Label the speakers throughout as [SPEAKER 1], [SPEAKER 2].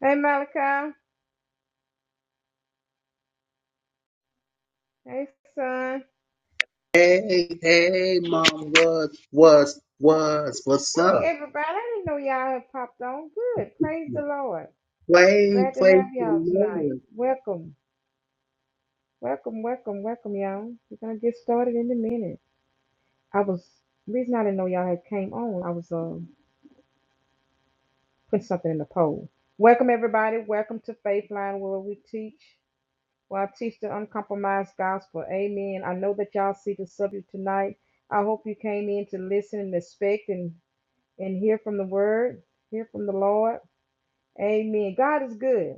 [SPEAKER 1] Hey Malachi. Hey son.
[SPEAKER 2] Hey, hey, mom, what, what, what, what's
[SPEAKER 1] Hey
[SPEAKER 2] up?
[SPEAKER 1] everybody. I didn't know y'all had popped on. Good. Praise the Lord.
[SPEAKER 2] Play,
[SPEAKER 1] Glad to
[SPEAKER 2] play
[SPEAKER 1] have
[SPEAKER 2] for
[SPEAKER 1] y'all tonight.
[SPEAKER 2] Lord.
[SPEAKER 1] Welcome. Welcome, welcome, welcome, y'all. We're gonna get started in a minute. I was the reason I didn't know y'all had came on, I was um putting something in the poll. Welcome everybody. Welcome to Faith Line where we teach. Where I teach the uncompromised gospel. Amen. I know that y'all see the subject tonight. I hope you came in to listen and respect and and hear from the word, hear from the Lord. Amen. God is good.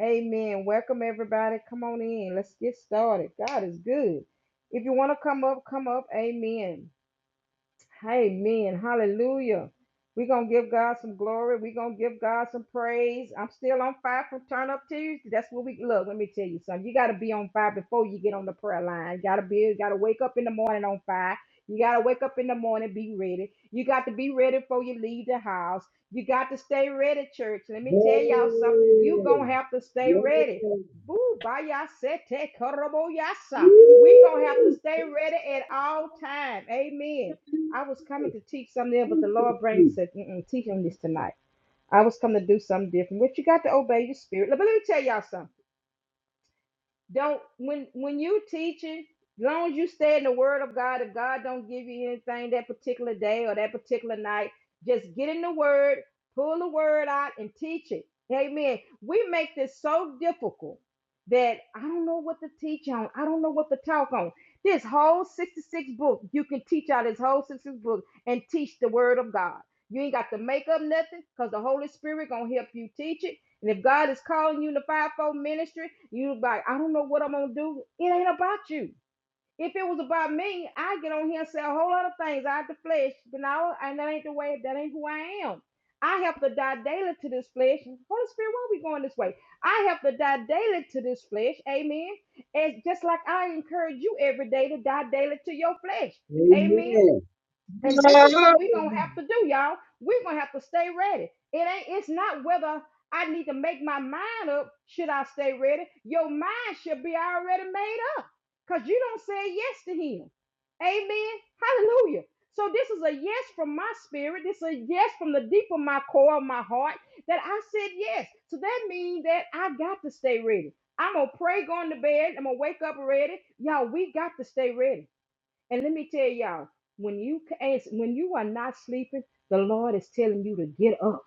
[SPEAKER 1] Amen. Welcome everybody. Come on in. Let's get started. God is good. If you want to come up, come up. Amen. Amen. Hallelujah. We're going to give God some glory. We're going to give God some praise. I'm still on fire from Turn Up Tuesday. That's what we look. Let me tell you something. You got to be on fire before you get on the prayer line. You got to be, you got to wake up in the morning on fire. You got to wake up in the morning, be ready. You got to be ready before you leave the house. You got to stay ready, church. Let
[SPEAKER 2] Hey,
[SPEAKER 1] me tell y'all something. you going to have to stay ready.
[SPEAKER 2] yeah.
[SPEAKER 1] Boo, bayasete, koroboyasa. we going to have to
[SPEAKER 2] Woo!
[SPEAKER 1] stay ready at all time. Amen. I was coming to teach something else, but
[SPEAKER 2] Thank
[SPEAKER 1] the Lord brain
[SPEAKER 2] you.
[SPEAKER 1] said, Mm-mm, teach on this tonight. I was coming to do something different. But you got to obey your spirit. But let me tell y'all something don't when when you teaching as long as you stay in the word of god if god don't give you anything that particular day or that particular night just get in the word pull the word out and teach it amen we make this so difficult that i don't know what to teach on i don't know what to talk on this whole 66 book you can teach out this whole 66 book and teach the word of god you ain't got to make up nothing because the holy spirit gonna help you teach it and if god is calling you in the fivefold ministry you like, I don't know what I'm gonna do. It ain't about you. If it was about me, I get on here and say a whole lot of things out the flesh, you know, and that ain't the way, that ain't who I am. I have to die daily to this flesh. Holy Spirit, why are we going this way? I have to die daily to this flesh, amen. And just like I encourage you every day to die daily to your flesh. Amen.
[SPEAKER 2] Amen.
[SPEAKER 1] And this is what we're gonna have to do, y'all. We're gonna have to stay ready. It ain't it's not whether I need to make my mind up, should I stay ready? Your mind should be already made up because you don't say yes to him. Amen. Hallelujah. So this is a yes from my spirit. This is a yes from the deep of my core of my heart that I said yes. So that means that I got to stay ready. I'm gonna pray going to bed. I'm gonna wake up ready. Y'all, we got to stay ready. And let me tell y'all, when you ca- as- when you are not sleeping, the Lord is telling you to get up.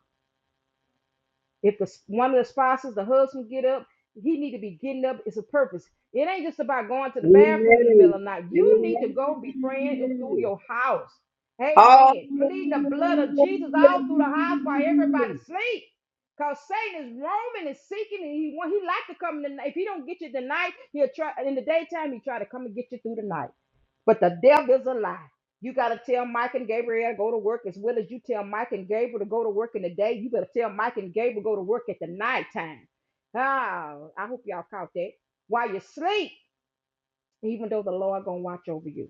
[SPEAKER 1] If the one of the spouses, the husband, get up, he need to be getting up. It's a purpose. It ain't just about going to the bathroom in the
[SPEAKER 2] Amen.
[SPEAKER 1] middle of the night. You need to go be praying in- through
[SPEAKER 2] Amen.
[SPEAKER 1] your house. Amen. Pleading the blood of
[SPEAKER 2] Hallelujah.
[SPEAKER 1] Jesus all through the house while everybody sleep. Cause Satan is roaming and seeking, and he want he like to come in the night. If he don't get you tonight, he'll try in the daytime. He try to come and get you through the night. But the devil's a lie. You got to tell Mike and Gabriel to go to work as well as you tell Mike and Gabriel to go to work in the day. You better tell Mike and Gabriel go to work at the nighttime. Oh, I hope y'all caught that. While you sleep even though the Lord gonna watch over you.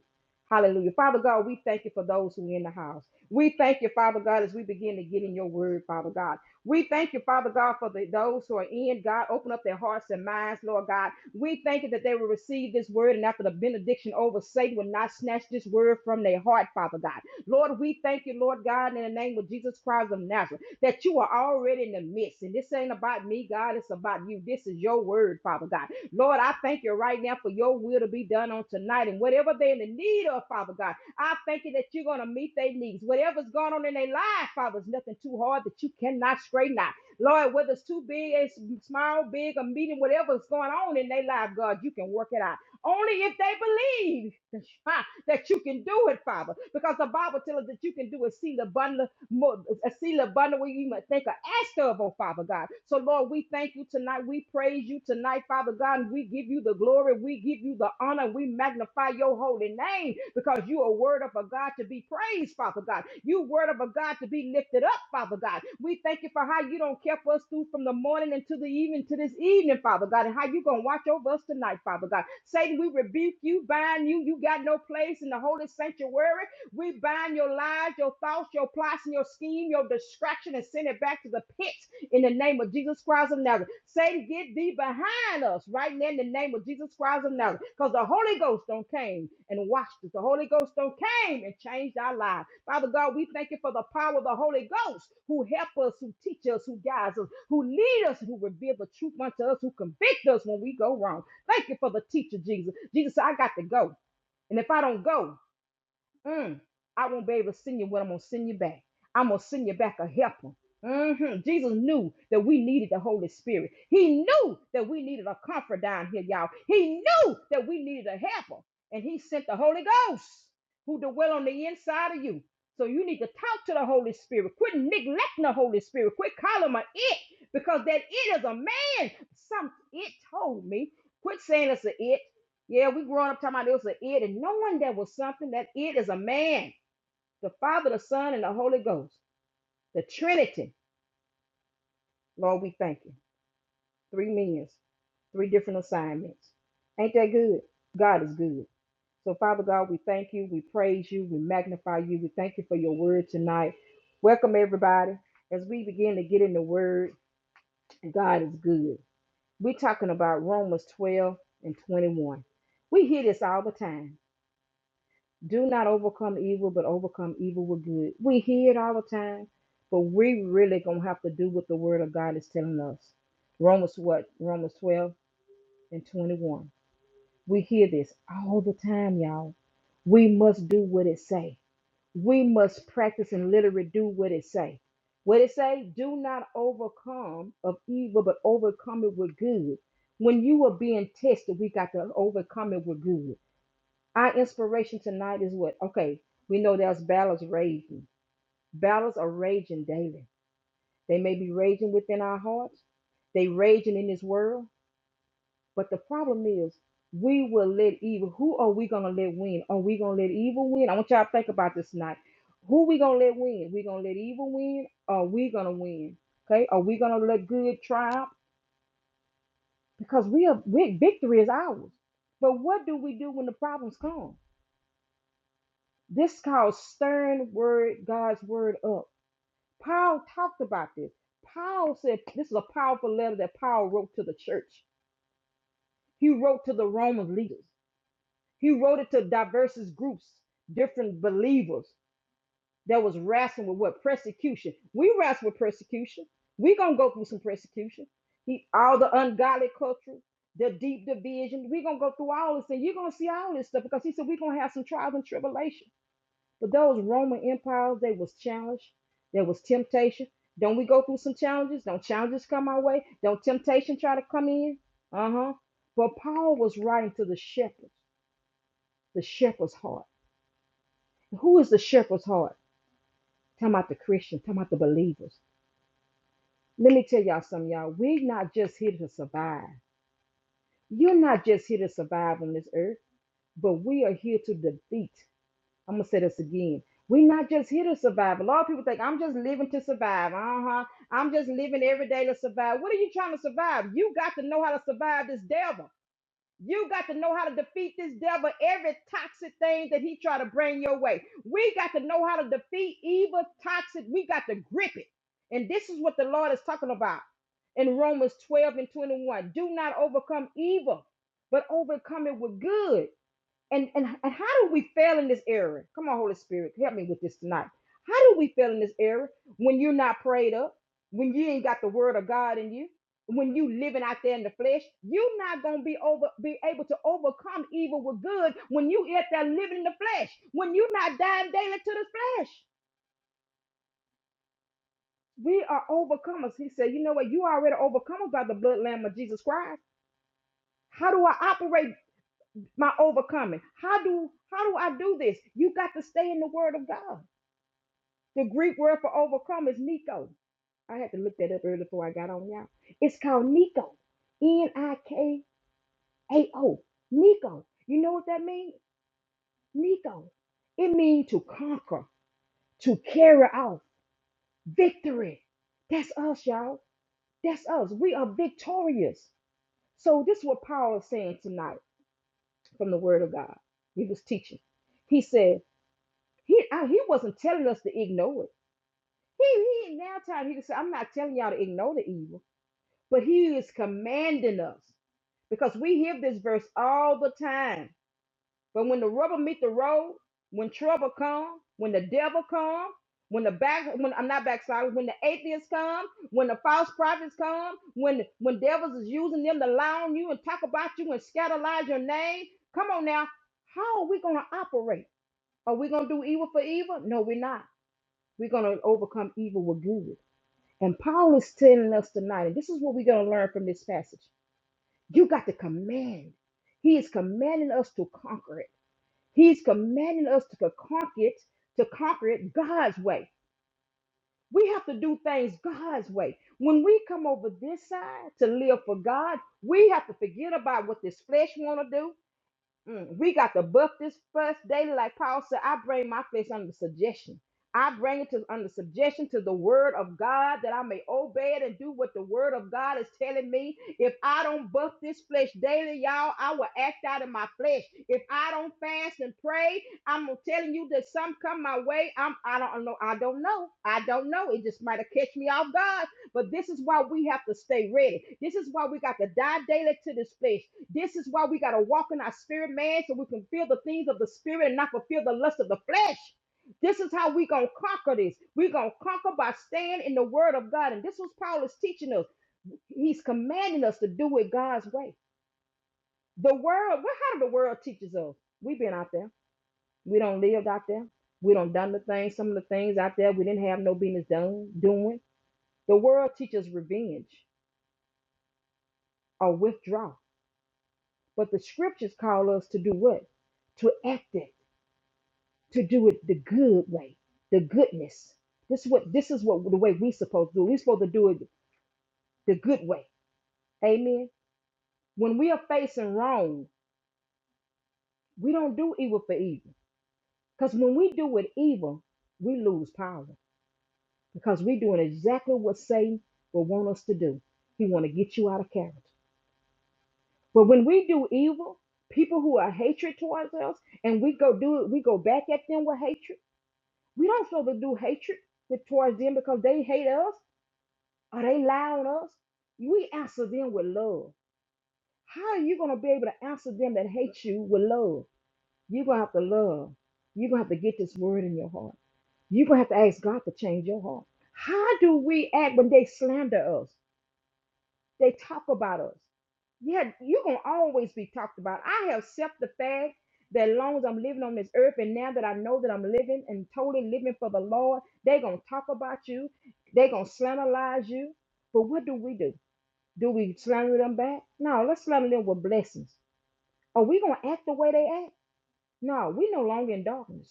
[SPEAKER 1] Hallelujah. Father God, we thank you for those who are in the house. We thank you, Father God, as we begin to get in your word, Father God. We thank you, Father God, for the, those who are in. God, open up their hearts and minds, Lord God. We thank you that they will receive this word and after the benediction over, Satan will not snatch this word from their heart, Father God. Lord, we thank you, Lord God, in the name of Jesus Christ of Nazareth, that you are already in the midst. And this ain't about me, God. It's about you. This is your word, Father God. Lord, I thank you right now for your will to be done on tonight and whatever they're in the need of, Father God. I thank you that you're going to meet their needs. Whatever's going on in their life, Father, is nothing too hard that you cannot straighten out. Lord, whether it's too big, it's small, big, or medium, whatever's going on in their life, God, you can work it out. Only if they believe that you can do it, Father, because the Bible tells us that you can do exceeding abundantly more, exceeding where you might think or ask of, oh Father God. So Lord, we thank you tonight. We praise you tonight, Father God, and we give you the glory, we give you the honor, we magnify your holy name because you are word of a God to be praised, Father God. You word of a God to be lifted up, Father God. We thank you for how you don't care for us through from the morning until the evening to this evening, Father God, and how you gonna watch over us tonight, Father God. Satan, we rebuke you, bind you, you got no place in the holy sanctuary. We bind your lies, your thoughts, your plots, and your scheme, your distraction, and send it back to the pit in the name of Jesus Christ of Nazareth. Satan, get thee behind us right now in the name of Jesus Christ of Nazareth. Because the Holy Ghost don't came and washed us. The Holy Ghost don't came and changed our lives. Father God, we thank you for the power of the Holy Ghost who help us, who teach us, who guides us, who lead us, who reveal the truth unto us, who convict us when we go wrong. Thank you for the teacher, Jesus. Jesus, said, I got to go. And if I don't go, Mm, I won't be able to send you what I'm gonna send you back. I'm gonna send you back a helper. hmm Jesus knew that we needed the Holy Spirit. He knew that we needed a comfort down here, y'all. He knew that we needed a helper, and He sent the Holy Ghost, who dwell on the inside of you. So you need to talk to the Holy Spirit. Quit neglecting the Holy Spirit. Quit calling him an it, because that it is a man. Some it told me. Quit saying it's an it. Yeah, we growing up talking about it was an it and knowing there was something that it is a man, the Father, the Son, and the Holy Ghost, the Trinity. Lord, we thank you. Three Three millions, three different assignments. Ain't that good? God is good. So, Father God, we thank you. We praise you. We magnify you. We thank you for your word tonight. Welcome, everybody. As we begin to get in the word, God is good. We're talking about Romans 12 and 21. We hear this all the time. Do not overcome evil, but overcome evil with good. We hear it all the time, but we really gonna have to do what the word of God is telling us. Romans what? Romans 12 and 21. We hear this all the time, y'all. We must do what it say. We must practice and literally do what it say. What it say? Do not overcome of evil, but overcome it with good. When you are being tested, we got to overcome it with good. Our inspiration tonight is what? Okay, we know there's battles raging. Battles are raging daily. They may be raging within our hearts. They raging in this world. But the problem is, we will let evil. Who are we gonna let win? Are we gonna let evil win? I want y'all to think about this tonight. Who we gonna let win? We gonna let evil win? Or we gonna win? Okay? Are we gonna let good triumph? Because we are we, victory is ours. But what do we do when the problems come? This called stern word, God's word up. Paul talked about this. Paul said this is a powerful letter that Paul wrote to the church. He wrote to the Roman leaders. He wrote it to diverse groups, different believers that was wrestling with what persecution. We wrestle with persecution. We gonna go through some persecution. He, all the ungodly culture, the deep division. We gonna go through all this, and you're gonna see all this stuff because he said we're gonna have some trials and tribulations. But those Roman empires, they was challenged. There was temptation. Don't we go through some challenges? Don't challenges come our way? Don't temptation try to come in? Uh-huh. But Paul was writing to the shepherds, the shepherd's heart. Who is the shepherd's heart? Talking about the Christian, talking about the believers. Let me tell y'all something, y'all. We're not just here to survive. You're not just here to survive on this earth, but we are here to defeat. I'm gonna say this again. We're not just here to survive. A lot of people think I'm just living to survive. Uh-huh. I'm just living every day to survive. What are you trying to survive? You got to know how to survive this devil. You got to know how to defeat this devil, every toxic thing that he try to bring your way. We got to know how to defeat evil, toxic. We got to grip it. And this is what the Lord is talking about in Romans 12 and 21. Do not overcome evil, but overcome it with good. And, and and how do we fail in this era? Come on, Holy Spirit, help me with this tonight. How do we fail in this era when you're not prayed up, when you ain't got the word of God in you, when you living out there in the flesh? You're not gonna be over be able to overcome evil with good when you out there living in the flesh, when you're not dying daily to the flesh. We are overcomers. He said, you know what? You already overcome by the blood lamb of Jesus Christ. How do I operate my overcoming? How do how do I do this? You got to stay in the word of God. The Greek word for overcome is niko. I had to look that up earlier before I got on y'all. It's called niko, N I K A O. niko. You know what that means? Niko. It means to conquer, to carry out, victory. That's us, y'all. That's us. We are victorious. So this is what Paul is saying tonight from the Word of God. He was teaching. He said he I- he wasn't telling us to ignore it. He he now time he said I'm not telling y'all to ignore the evil. but he is commanding us because we hear this verse all the time. But when the rubber meet the road, when trouble comes, when the devil comes, when the back, when I'm not backsliding, when the atheists come, when the false prophets come, when when devils is using them to lie on you and talk about you and scandalize your name, come on now, how are we gonna operate? Are we gonna do evil for evil? No, we're not. We're gonna overcome evil with good. And Paul is telling us tonight, and this is what we're gonna learn from this passage. You got to command. He is commanding us to conquer it. He's commanding us to conquer it, to conquer it God's way. We have to do things God's way. When we come over this side to live for God, we have to forget about what this flesh want to do. Mm, we got to buff this flesh daily. Like Paul said, I bring my flesh under subjection. I bring it to under subjection to the word of God that I may obey it and do what the word of God is telling me. If I don't buff this flesh daily, y'all, I will act out of my flesh. If I don't fast and pray, I'm telling you that some come my way. I'm I don't know. I don't know. I don't know. It just might have catch me off guard. But this is why we have to stay ready. This is why we got to die daily to this flesh. This is why we got to walk in our spirit, man, so we can feel the things of the spirit and not fulfill the lust of the flesh. This is how we gonna conquer this. we gonna conquer by staying in the word of God. And this was Paul is teaching us. He's commanding us to do it God's way. The world, well, how did the world teaches us? We've been out there. We don't live out there. We don't done the things, some of the things out there we didn't have no business done, doing. The world teaches revenge or withdraw. But the scriptures call us to do what? To act it to do it the good way, the goodness. This is what this is what the way we supposed to do. we supposed to do it the good way. Amen. When we are facing wrong, we don't do evil for evil. Because when we do it evil, we lose power. Because we're doing exactly what Satan will want us to do. He want to get you out of character. But when we do evil, people who are hatred towards us, and we go do it, we go back at them with hatred. We don't supposed to do hatred with- towards them because they hate us. Are they loud us? We answer them with love. How are you going to be able to answer them that hate you with love? You're going to have to love. You're going to have to get this word in your heart. You're going to have to ask God to change your heart. How do we act when they slander us? They talk about us. Yeah, you're going to always be talked about. I have accepted the fact that as long as I'm living on this earth and now that I know that I'm living and totally living for the Lord, they're going to talk about you. They're going to slanderize you. But what do we do? Do we slander them back? No, let's slander them with blessings. Are we going to act the way they act? No, we're no longer in darkness.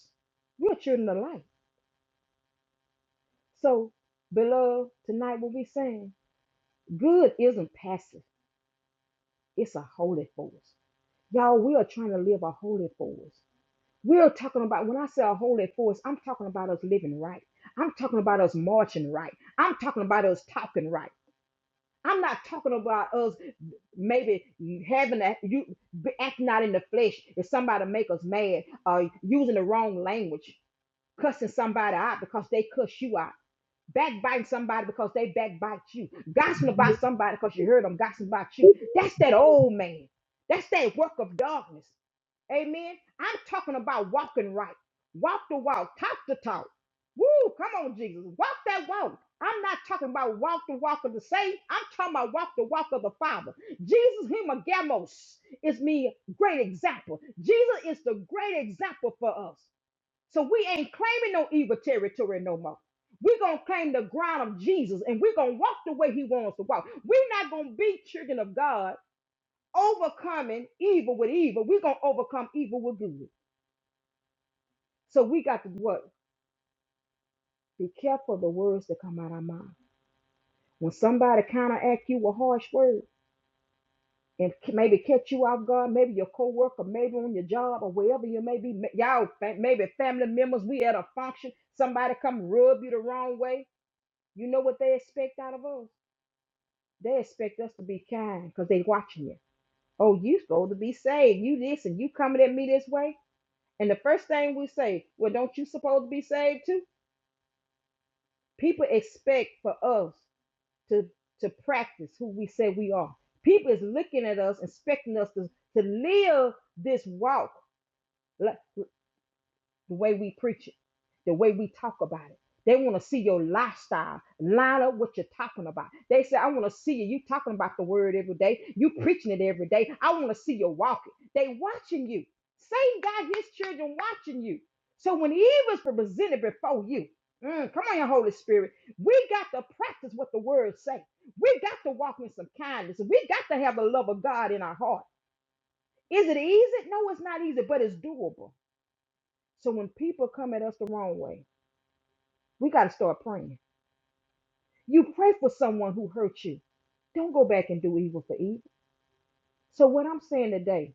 [SPEAKER 1] We're children of light. So, beloved, tonight what we're saying, good isn't passive, it's a holy force. Y'all, we are trying to live a holy force. We're talking about, when I say a holy force, I'm talking about us living right. I'm talking about us marching right. I'm talking about us talking right. I'm not talking about us maybe having a you be- acting out in the flesh if somebody make us mad or using the wrong language, cussing somebody out because they cuss you out backbiting somebody because they backbite you, gossiping about somebody because you heard them gossiping about you. That's that old man. That's that work of darkness. Amen. I'm talking about walking right. Walk the walk, talk the talk. Woo, come on, Jesus. Walk that walk. I'm not talking about walk the walk of the saint. I'm talking about walk the walk of the Father. Jesus Himagamos is me great example. Jesus is the great example for us. So we ain't claiming no evil territory no more. We're going to claim the ground of Jesus and we're going to walk the way he wants to walk. We're not going to be children of God overcoming evil with evil. We're going to overcome evil with good. So we got to what? Be careful of the words that come out of our mouth. When somebody counteract you with harsh words and c- maybe catch you off guard, maybe your coworker, maybe on your job or wherever you may be, ma- y'all, fa- maybe family members, we at a function, somebody come rub you the wrong way You know what they expect out of us? They expect us to be kind because they watching you. Oh, you supposed to be saved. You this and you coming at me this way. And the first thing we say, well, don't you supposed to be saved too? People expect for us to to practice who we say we are. People is looking at us, expecting us to, to live this walk. Like, the way we preach it, the way we talk about it. They want to see your lifestyle line up what you're talking about. They say, I want to see you. You talking about the word every day. You preaching it every day. I want to see you walking. They watching you. Satan got his children watching you. So when evil's presented before you, mm, come on, your Holy Spirit, we got to practice what the word say. We got to walk in some kindness. We got to have the love of God in our heart. Is it easy? No, it's not easy, but it's doable. So when people come at us the wrong way, we got to start praying. You pray for someone who hurt you. Don't go back and do evil for evil. So what I'm saying today,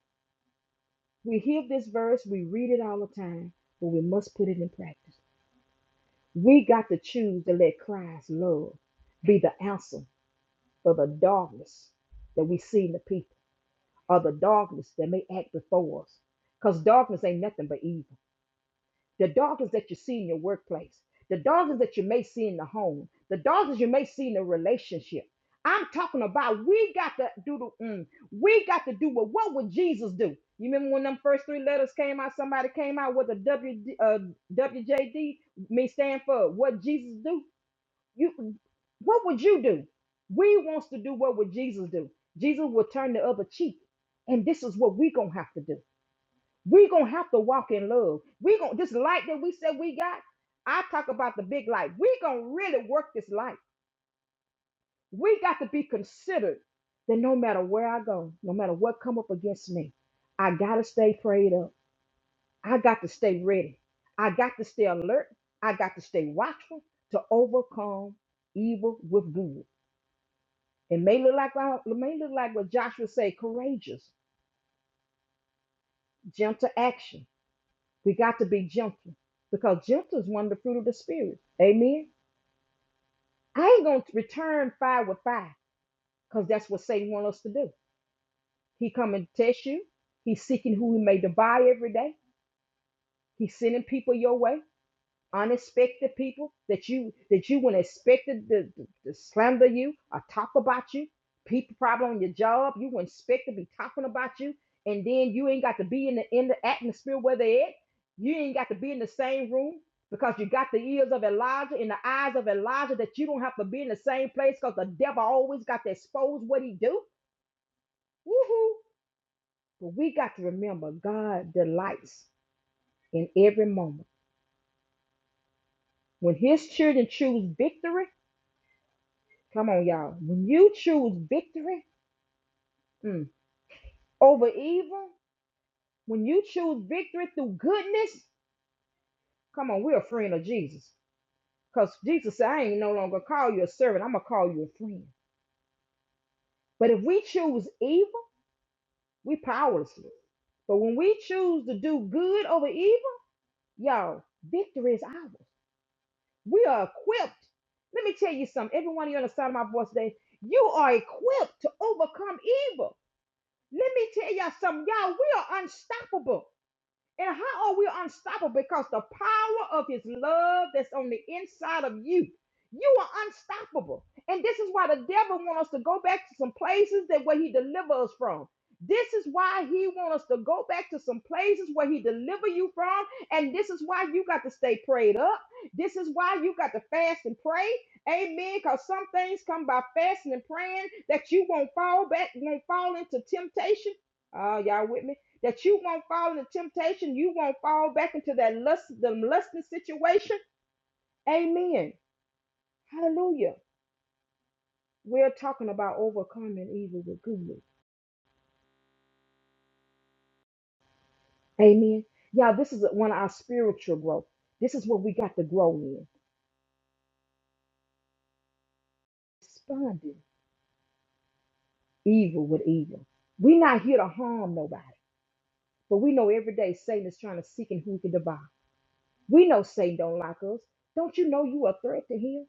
[SPEAKER 1] we hear this verse, we read it all the time, but we must put it in practice. We got to choose to let Christ's love be the answer for the darkness that we see in the people or the darkness that may act before us. Because darkness ain't nothing but evil. The darkness that you see in your workplace, the darkness that you may see in the home, the darkness you may see in the relationship. I'm talking about we got to do the mm, we got to do what what would Jesus do? You remember when them first three letters came out, somebody came out with a W uh, WJD, me stand for what Jesus do? You what would you do? We wants to do what would Jesus do? Jesus will turn the other cheek. And this is what we gonna have to do we gonna have to walk in love. We gonna this light that we said we got. I talk about the big light. We gonna really work this light. We got to be considered that no matter where I go, no matter what come up against me, I gotta stay prayed up. I got to stay ready. I got to stay alert. I got to stay watchful to overcome evil with good. It may look like uh, it may look like what Joshua say, courageous, gentle action We got to be gentle because gentle is one of the fruit of the spirit. Amen. I ain't gonna return fire with fire because that's what Satan wants us to do. He come and test you. He's seeking who he may devour every day. He's sending people your way. unexpected people that you that you wouldn't expect to, to, to slander you or talk about you people probably on your job you wouldn't expect to be talking about you and then you ain't got to be in the in the atmosphere where they at you ain't got to be in the same room because you got the ears of Elijah and the eyes of Elijah that you don't have to be in the same place because the devil always got to expose what he do woohoo but we got to remember God delights in every moment when his children choose victory Come on, y'all. When you choose victory mm, over evil, when you choose victory through goodness, come on, we're a friend of Jesus. Because Jesus said, I ain't no longer call you a servant, I'm going to call you a friend. But if we choose evil, we powerless. But when we choose to do good over evil, y'all, victory is ours. We are equipped. Let me tell you something. Every one of you on the side of my voice today, you are equipped to overcome evil. Let me tell y'all something. Y'all, we are unstoppable. And how are we unstoppable? Because the power of his love that's on the inside of you. You are unstoppable. And this is why the devil wants us to go back to some places that where he delivers us from. This is why he wants us to go back to some places where he deliver you from. And this is why you got to stay prayed up. This is why you got to fast and pray. Amen. Because some things come by fasting and praying that you won't fall back, won't fall into temptation. Uh, y'all with me? that you won't fall into temptation, you won't fall back into that lust, the lusting situation. Amen. Hallelujah. We're talking about overcoming evil with good. Amen. Y'all, this is one of our spiritual growth. This is what we got to grow in. Responding evil with evil. We're not here to harm nobody, but we know every day Satan is trying to seek and who he can devour. We know Satan don't like us. Don't you know you a threat to him?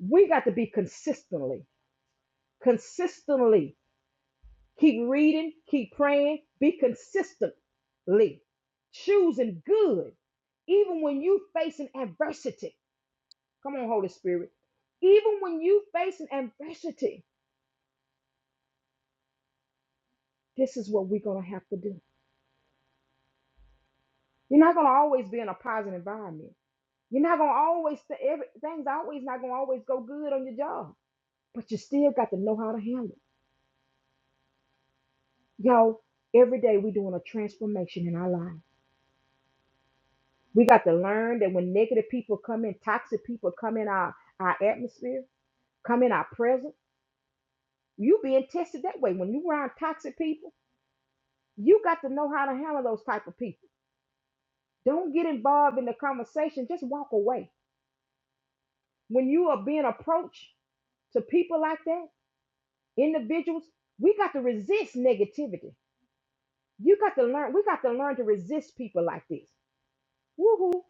[SPEAKER 1] We got to be consistently, consistently Keep reading, keep praying, be consistently choosing good, even when you facing adversity. Come on, Holy Spirit. Even when you facing adversity, this is what we're gonna have to do. You're not gonna always be in a positive environment. You're not gonna always th- every, things always not gonna always go good on your job, but you still got to know how to handle it. Y'all, every day we're doing a transformation in our lives. We got to learn that when negative people come in, toxic people come in our, our atmosphere, come in our presence, you being tested that way. When you around toxic people, you got to know how to handle those type of people. Don't get involved in the conversation. Just walk away. When you are being approached to people like that, individuals, we got to resist negativity. You got to learn, we got to learn to resist people like this. Woohoo.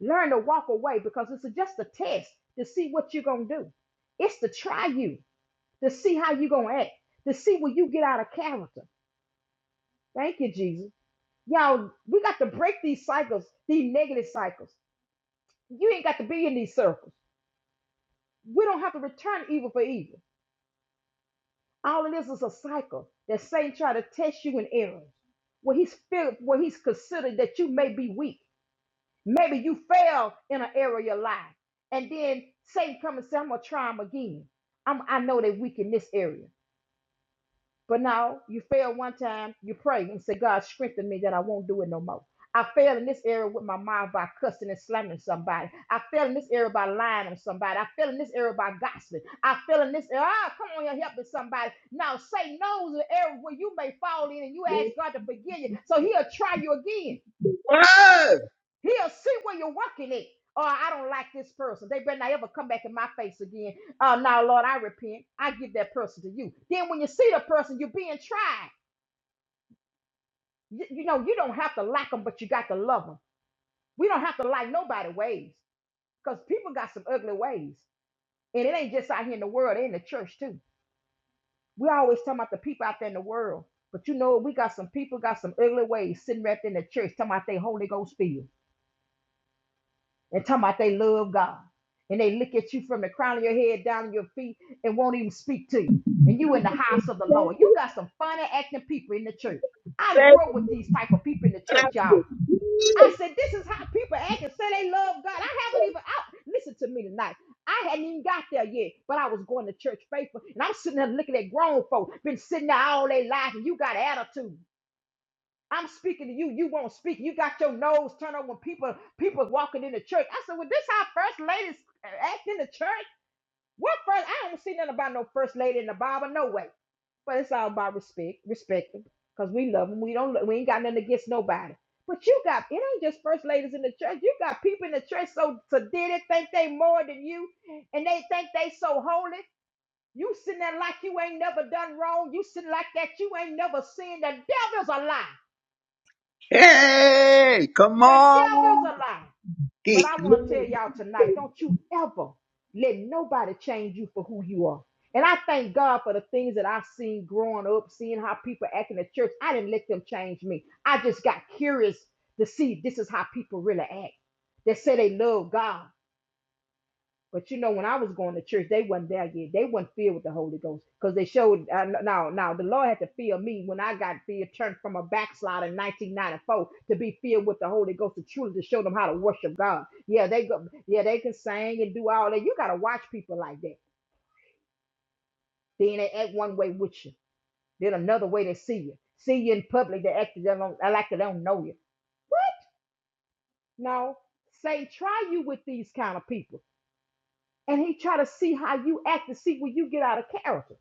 [SPEAKER 1] Learn to walk away because it's just a test to see what you're gonna do. It's to try you. to see how you going to act, to see when you get out of character. Thank you, Jesus. Y'all, we got to break these cycles, these negative cycles. You ain't got to be in these circles. We don't have to return evil for evil. All of this is a cycle that Satan try to test you in errors. Where he's feel, where he's considered that you may be weak. Maybe you fail in an area of your life. And then Satan come and say, I'm gonna try him again. I'm, I know they're weak in this area. But now you fail one time, you pray and say, God, strengthen me that I won't do it no more. I failed in this area with my mind by cussing and slamming somebody. I failed in this area by lying on somebody. I failed in this area by gossiping. I failed in this area. Ah, come on, you're helping somebody. Now Satan knows the area where you may fall in and you ask God to forgive you. So he'll try you again.
[SPEAKER 2] Word.
[SPEAKER 1] He'll see where you're working it. Oh, I don't like this person. They better not ever come back in my face again. Oh, now, Lord, I repent. I give that person to you. Then when you see the person, you're being tried. you, you know, you don't have to like them, but you got to love them. We don't have to like nobody ways because people got some ugly ways. And it ain't just out here in the world, they in the church too. We always talking about the people out there in the world. But you know, what? we got some people got some ugly ways sitting right there in the church talking about they Holy Ghost filled and talking about they love God. And they look at you from the crown of your head down to your feet and won't even speak to you. And you in the house of the Lord. You got some funny acting people in the church. I grew up with these type of people in the church, y'all. I said, this is how people act and say they love God. I haven't even out. Listen to me tonight. I hadn't even got there yet, but I was going to church faithful, and I'm sitting there looking at grown folk, been sitting there all their life, and you got attitude. I'm speaking to you. You won't speak. You got your nose turned up when people people walking in the church. I said, well, this how first ladies act in the church. What first? I don't see nothing about no first lady in the Bible. No way but it's all about respect, respect them, cause we love them. We don't, we ain't got nothing against nobody. But you got it ain't just first ladies in the church. You got people in the church so so did it think they more than you, and they think they so holy. You sitting there like you ain't never done wrong. You sitting like that you ain't never sinned. The devil's a lie.
[SPEAKER 2] Hey, come
[SPEAKER 1] The devil's a
[SPEAKER 2] on.
[SPEAKER 1] lie. But
[SPEAKER 2] Thank
[SPEAKER 1] I want to tell y'all tonight don't you ever let nobody change you for who you are. And I thank God for the things that I've seen growing up, seeing how people act in the church. I didn't let them change me. I just got curious to see this is how people really act. They say they love God. But you know, when I was going to church, they wasn't there yet. They wasn't filled with the Holy Ghost because they showed. Uh, now, now the Lord had to fill me when I got filled, turned from a backslider in 1994 to be filled with the Holy Ghost to truly to show them how to worship God. Yeah, they go. Yeah, they can sing and do all that. You gotta watch people like that. Then they act one way with you. Then another way they see you. See you in public, they act they don't, like they don't know you. No, Satan try you with these kind of people, and he try to see how you act to see when you get out of character.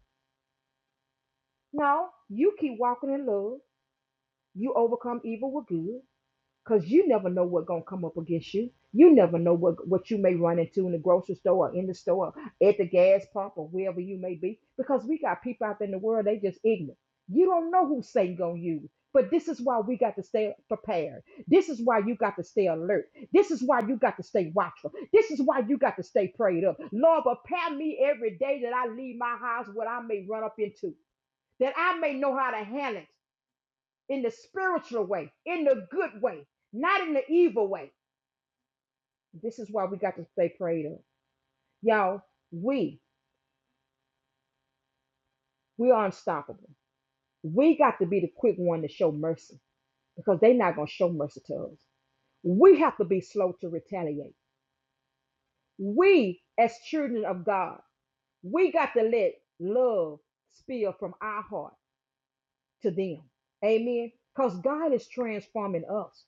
[SPEAKER 1] No, you keep walking in love. You overcome evil with good because you never know what's going to come up against you. You never know what, what you may run into in the grocery store or in the store, at the gas pump or wherever you may be because we got people out there in the world, they just ignorant. You don't know who Satan going to use. But this is why we got to stay prepared. This is why you got to stay alert. This is why you got to stay watchful. This is why you got to stay prayed up. Lord, prepare me every day that I leave my house what I may run up into that I may know how to handle it in the spiritual way, in the good way, not in the evil way. This is why we got to stay prayed up. Y'all, we, we are unstoppable. We got to be the quick one to show mercy because they're not going to show mercy to us. We have to be slow to retaliate. We, as children of God, we got to let love spill from our heart. to them. Amen. Because God is transforming us.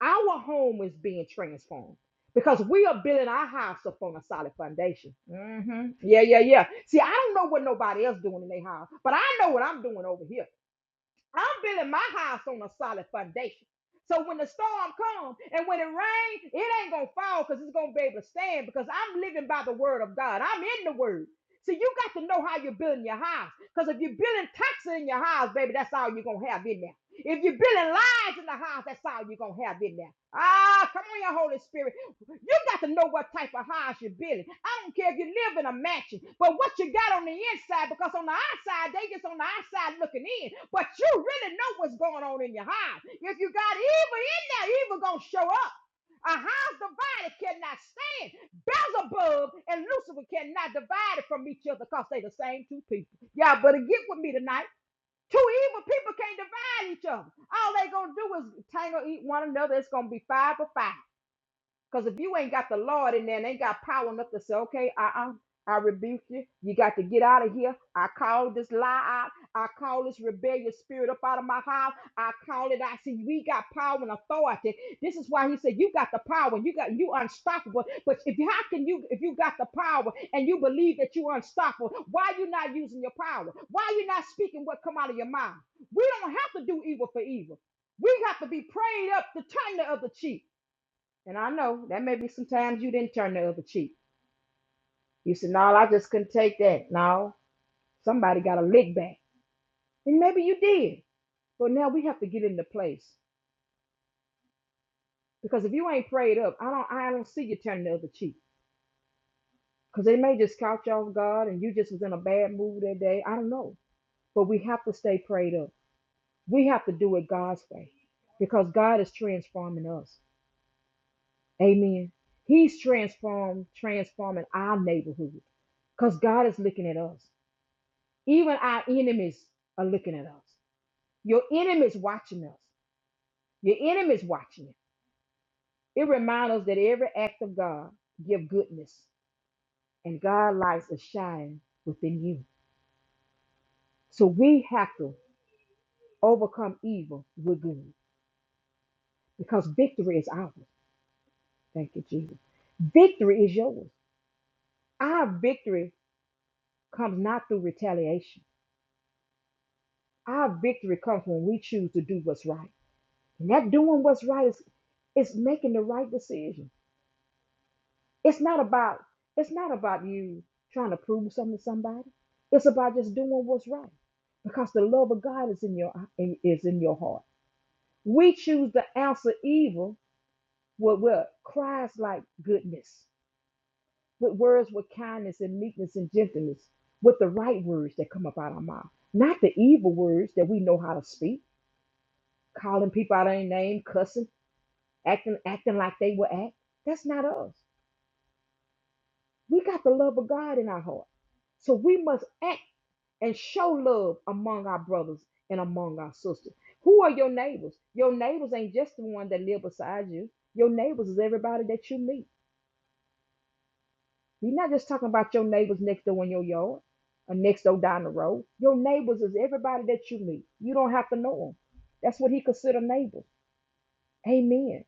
[SPEAKER 1] Our home is being transformed because we are building our house upon a solid foundation. Mhm. Yeah, yeah, yeah. See, I don't know what nobody else doing in their house, but I know what I'm doing over here. I'm building my house on a solid foundation. So when the storm comes and when it rains, it ain't gonna fall because it's gonna be able to stand because I'm living by the word of God. I'm in the word. So you got to know how you're building your house. Because if you're building taxes in your house, baby, that's all you're gonna have in there. If you're building lies in the house, that's all you're gonna have in there. Ah, come on, your Holy Spirit. You got to know what type of house you're building. I don't care if you live in a mansion, but what you got on the inside, because on the outside, they just on the outside looking in. But you really know what's going on in your house. If you got evil in there, evil gonna show up. A house divided cannot stand. Beelzebub and Lucifer cannot divide it from each other because they the same two people. Y'all better get with me tonight. Two evil people can't divide each other. All they gonna do is tangle eat one another. It's gonna be five for five. Because if you ain't got the Lord in there and ain't got power enough to say, okay, uh-uh, I rebuke you. You got to get out of here. I call this lie out. I call this rebellious spirit up out of my house. I call it out. See, we got power and authority. This is why he said, you got the power. You got you unstoppable. But if how can you if you got the power and you believe that you unstoppable, why you not using your power? Why you not speaking what come out of your mouth? We don't have to do evil for evil. We have to be prayed up to turn the other cheek. And I know that may be sometimes you didn't turn the other cheek. You said, No, I just couldn't take that. No, somebody got a lick back. And maybe you did. But now we have to get into place. Because if you ain't prayed up, I don't I don't see you turning the other cheek. Because they may just count you off guard and you just was in a bad mood that day. I don't know. But we have to stay prayed up. We have to do it God's way. Because God is transforming us. Amen. He's transformed, transforming our neighborhood. Because God is looking at us. Even our enemies are looking at us. Your enemies watching us. Your enemies watching you. It reminds us that every act of God give goodness, and God lights are shining within you. So we have to overcome evil with good because victory is ours. Thank you, Jesus. Victory is yours. Our victory comes not through retaliation. Our victory comes when we choose to do what's right. And that doing what's right is, is making the right decision It's not about it's not about you trying to prove something to somebody. It's about just doing what's right because the love of God is in your is in your heart. We choose to answer evil with what cries like goodness, with words with kindness and meekness and gentleness, with the right words that come up out of our mouth, not the evil words that we know how to speak, calling people out of their name, cussing, acting acting like they will act. That's not us. We got the love of God in our heart. So we must act and show love among our brothers and among our sisters. Who are your neighbors? Your neighbors ain't just the one that live beside you. Your neighbors is everybody that you meet. You're not just talking about your neighbors next door in your yard or next door down the road. Your neighbors is everybody that you meet. You don't have to know them. That's what he considered neighbors. Amen.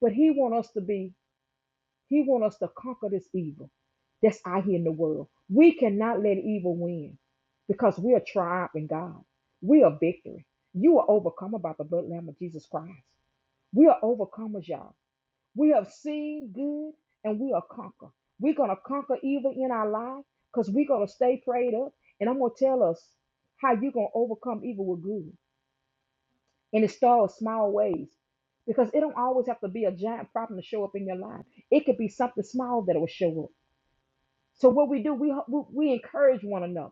[SPEAKER 1] But he want us to be He wants us to conquer this evil that's out here in the world. We cannot let evil win because we are triumph in God. We are victory. You are overcome by the blood lamb of Jesus Christ. We are overcomers, y'all. We have seen good and we are conquer. We're gonna conquer evil in our life because we're gonna stay prayed up. And I'm gonna tell us how you're gonna overcome evil with good. And it starts small ways. Because it don't always have to be a giant problem to show up in your life. It could be something small that will show up. So what we do, we we we encourage one another.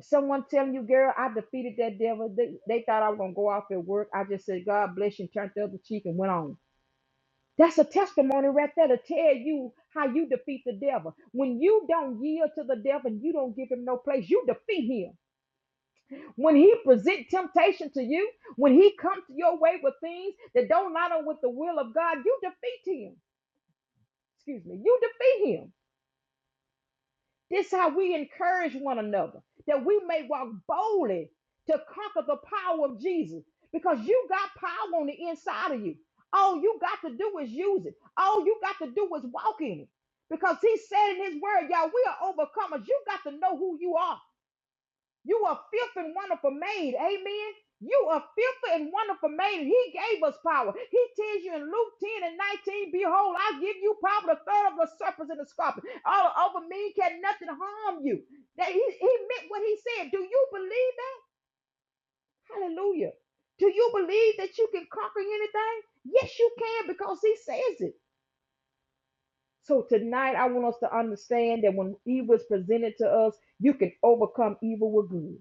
[SPEAKER 1] Someone telling you, girl, I defeated that devil. They, they thought I was gonna go off at work. I just said, God bless you, and turned the other cheek and went on. That's a testimony right there to tell you how you defeat the devil. When you don't yield to the devil and you don't give him no place, you defeat him. When he present temptation to you, when he comes your way with things that don't line up with the will of God, you defeat him. Excuse me, you defeat him. This how we encourage one another that we may walk boldly to conquer the power of Jesus because you got power on the inside of you. All you got to do is use it. All you got to do is walk in it. Because he said in his word, y'all, we are overcomers. You got to know who you are. You are fifth and wonderful made. Amen. You are fifth and wonderful made. He gave us power. He tells you in Luke 10 and 19, Behold, I give you power to third of the serpents and the scorpion. All over me can nothing harm you. That he, he meant what he said. Do you believe that? Hallelujah. Do you believe that you can conquer anything? Yes, you can because he says it. So tonight I want us to understand that when evil is presented to us, you can overcome evil with good.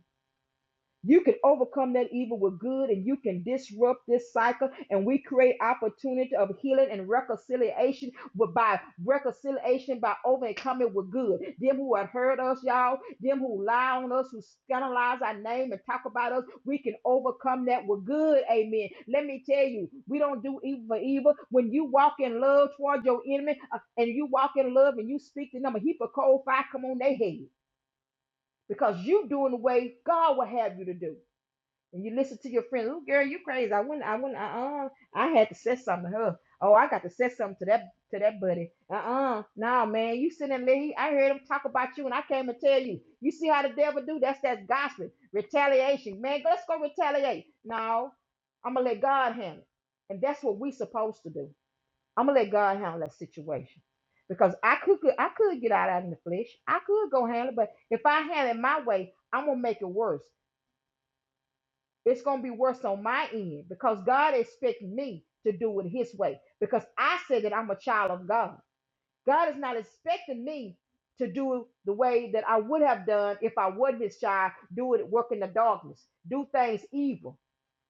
[SPEAKER 1] You can overcome that evil with good and you can disrupt this cycle. And we create opportunity of healing and reconciliation with by reconciliation by overcoming with good. Them who have hurt us, y'all, them who lie on us, who scandalize our name and talk about us, we can overcome that with good. Amen. Let me tell you, we don't do evil for evil. When you walk in love toward your enemy uh, and you walk in love and you speak to them, a heap of cold fire come on their head because you doing the way God will have you to do and you listen to your friend, oh girl, you crazy. I wouldn't, I wouldn't, uh-uh. I had to say something to her. Oh, I got to say something to that to that buddy. Uh-uh. Nah, man, you sitting there, he, I heard him talk about you and I came and tell you. You see how the devil do? That's that gossip. Retaliation. Man, let's go retaliate. No, I'm gonna let God handle it. And that's what we supposed to do. I'm gonna let God handle that situation. Because I could could- I could get out of in the flesh. I could go handle it, but if I handle it my way, I'm gonna make it worse. It's going to be worse on my end because God expects me to do it His way because I said that I'm a child of God. God is not expecting me to do it the way that I would have done if I was His child, do it work in the darkness, do things evil,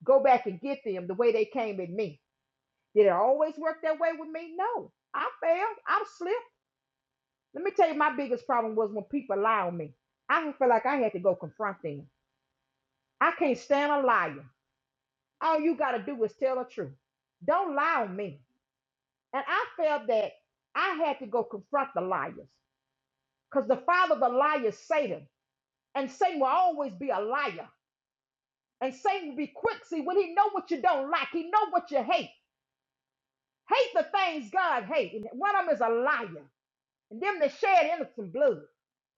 [SPEAKER 1] go back and get them the way they came at me. Did it always work that way with me? No. I failed. I slipped. Let me tell you, my biggest problem was when people lie on me. I feel like I had to go confront them. I can't stand a liar. All you got to do is tell the truth. Don't lie on me. And I felt that I had to go confront the liars because the father of the liar is Satan. And Satan will always be a liar. And Satan will be quick. See, when he know what you don't like, he know what you hate. Hate the things God hate. And one of them is a liar. And them that shed innocent blood.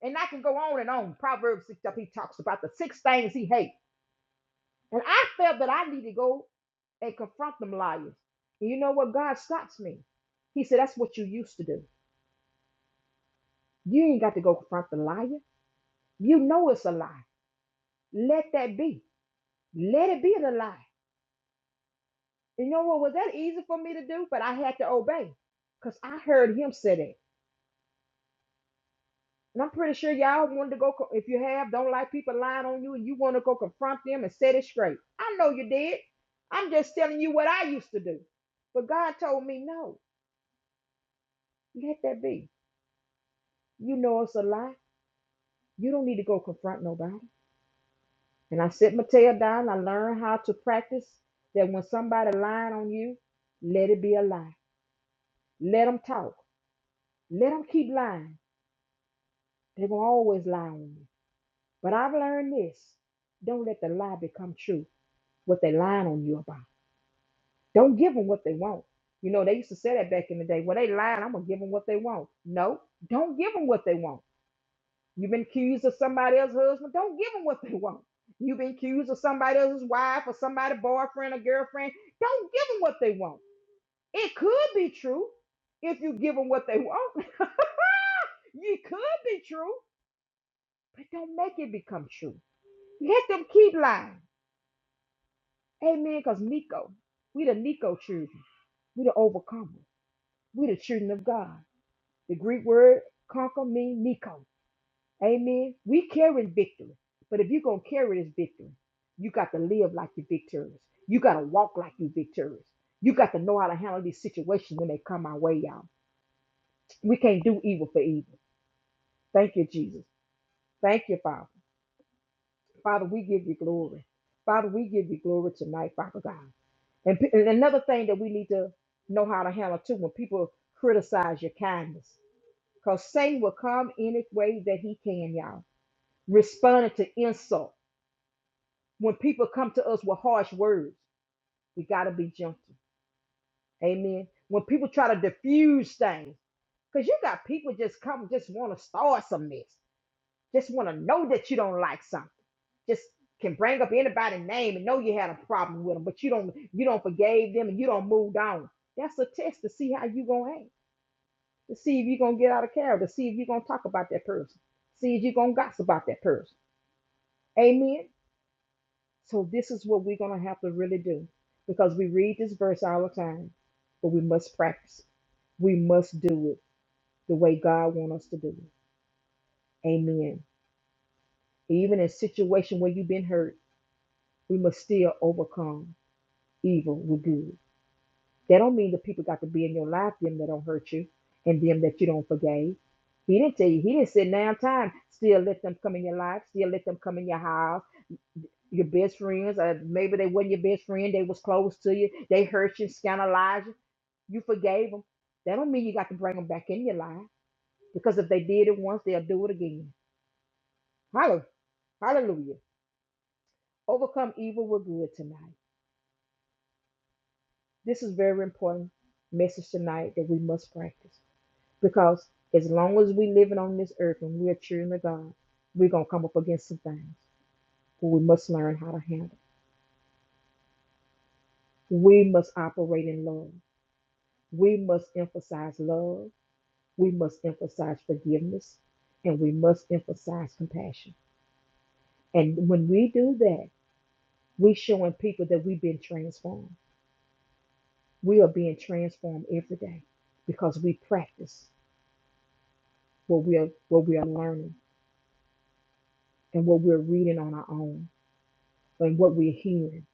[SPEAKER 1] And I can go on and on. Proverbs 6, he talks about the six things he hates. And I felt that I need to go and confront them liars. And you know what? God stops me. He said, That's what you used to do. You ain't got to go confront the liar. You know it's a lie. Let that be. Let it be a lie. You know what? Was that easy for me to do? But I had to obey because I heard him say that. And I'm pretty sure y'all wanted to go, co- if you have, don't like people lying on you and you want to go confront them and set it straight. I know you did. I'm just telling you what I used to do. But God told me, no, let that be. You know it's a lie. You don't need to go confront nobody. And I sit my tail down. I learn how to practice that when somebody lying on you, let it be a lie. Let them talk. Let them keep lying. They're going to always lie on you. But I've learned this. Don't let the lie become true, what they lying on you about. Don't give them what they want. You know, they used to say that back in the day. Well, they lying. I'm going to give them what they want. No, don't give them what they want. You've been accused of somebody else's husband. Don't give them what they want. You've been accused of somebody else's wife or somebody boyfriend or girlfriend. Don't give them what they want. It could be true if you give them what they want. it could be true, but don't make it become true. Let them keep lying. Amen. Because Nico, we the Nico children. We the overcomers. We the children of God. The Greek word conquer means Nico. Amen. We carry victory. But if you're going to carry this victory, you got to live like you're victorious. You got to walk like you're victorious. You got to know how to handle these situations when they come our way, y'all. We can't do evil for evil. Thank you, Jesus. Thank you, Father. Father, we give you glory. Father, we give you glory tonight, Father God. And, pe- and another thing that we need to know how to handle too when people criticize your kindness, because Satan will come any way that he can, y'all, responding to insult. When people come to us with harsh words, we got to be gentle. Amen. When people try to diffuse things, because you got people just come, just want to start some mess, just want to know that you don't like something, just can bring up anybody's name and know you had a problem with them, but you don't, you don't forgave them and you don't move on. That's a test to see how you gonna act, to see if you gonna get out of character, to see if you gonna talk about that person, see if you gonna gossip about that person. Amen. So this is what we're going to have to really do because we read this verse all the time, but we must practice. it. We must do it the way God wants us to do it. Amen. Even in situation where you've been hurt, we must still overcome evil with good. That don't mean the people got to be in your life, them that don't hurt you and them that you don't forgave. He didn't tell you, he didn't say now time, still let them come in your life, still let them come in your house your best friends, or maybe they wasn't your best friend, they was close to you, they hurt you, scandalized you, you forgave them. That don't mean you got to bring them back in your life because if they did it once, they'll do it again. Hallelujah. Hallelujah. Overcome evil with good tonight. This is very important message tonight that we must practice because as long as we living on this earth and we are children of God, we're gonna come up against some things. that we must learn how to handle. We must operate in love. We must emphasize love we must emphasize forgiveness and we must emphasize compassion. And when we do that, we're showing people that we've been transformed. We are being transformed every day because we practice what we are what we are learning and what we're reading on our own and what we're hearing.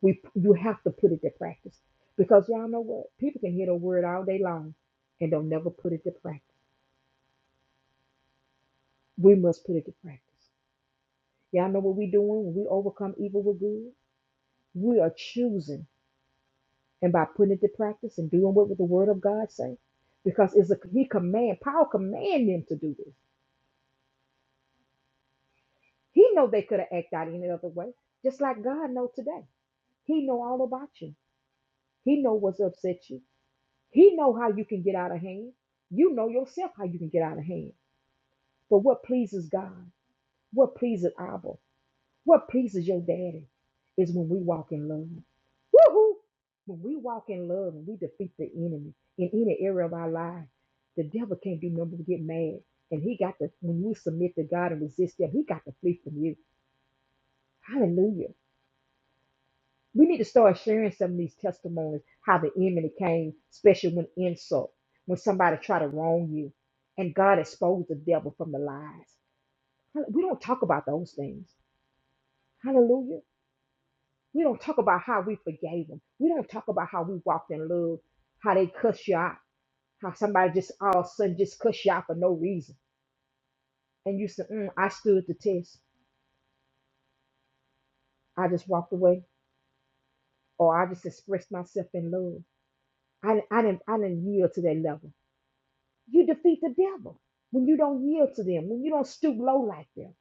[SPEAKER 1] We you have to put it to practice because y'all know what people can hear the word all day long and don't never put it to practice. We must put it to practice. Y'all know what we're doing when we overcome evil with good. We are choosing and by putting it to practice and doing what the word of God say. Because it's a he command, Paul command them to do this. He know they could have acted out any other way, just like God know today. He know all about you. He know what's upset you. He know how you can get out of hand. You know yourself how you can get out of hand. But what pleases God? What pleases Abba? What pleases your daddy is when we walk in love. Woohoo! When we walk in love and we defeat the enemy in any area of our life, the devil can't do nothing but get mad. And he got to, when you submit to God and resist him, he got to flee from you. Hallelujah. We need to start sharing some of these testimonies, how the enemy came, especially when insult, when somebody try to wrong you, and God exposed the devil from the lies. Hall- We don't talk about those things. Hallelujah. We don't talk about how we forgave them. We don't talk about how we walked in love, how they cuss you out, how somebody just all of a sudden just cuss you out for no reason. And you said, mm, I stood the test. I just walked away, or I just expressed myself in love. I, I didn't, I didn't yield to that level. You defeat the devil when you don't yield to them, when you don't stoop low like them.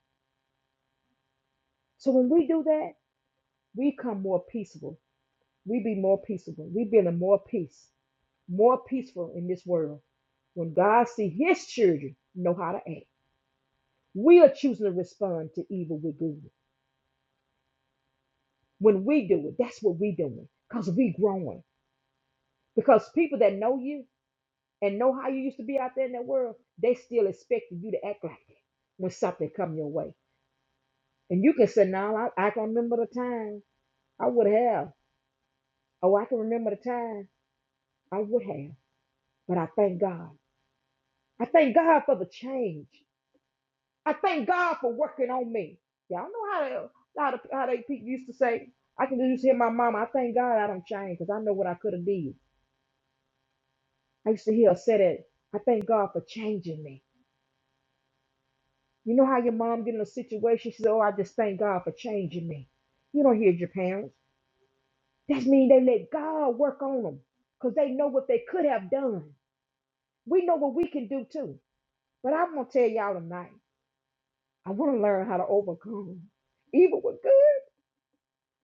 [SPEAKER 1] So when we do that, we become more peaceable. We be more peaceable. We build a more peace more peaceful in this world when God see his children know how to act. We are choosing to respond to evil with good. When we do it, that's what we doing because we growing. Because people that know you and know how you used to be out there in that world, they still expecting you to act like that when something come your way. And you can say, no, I, I can remember the time I would have. Oh, I can remember the time I would have. But I thank God. I thank God for the change. I thank God for working on me. Y'all know how they, how, the, how they people used to say. I can just hear my mama. I thank God I don't change because I know what I could have did. I used to hear her say that. I thank God for changing me. You know how your mom get in a situation? She said, "Oh, I just thank God for changing me." You don't hear your parents. That means they let God work on them because they know what they could have done. We know what we can do too. But I'm gonna tell y'all tonight. I want to learn how to overcome, even with good.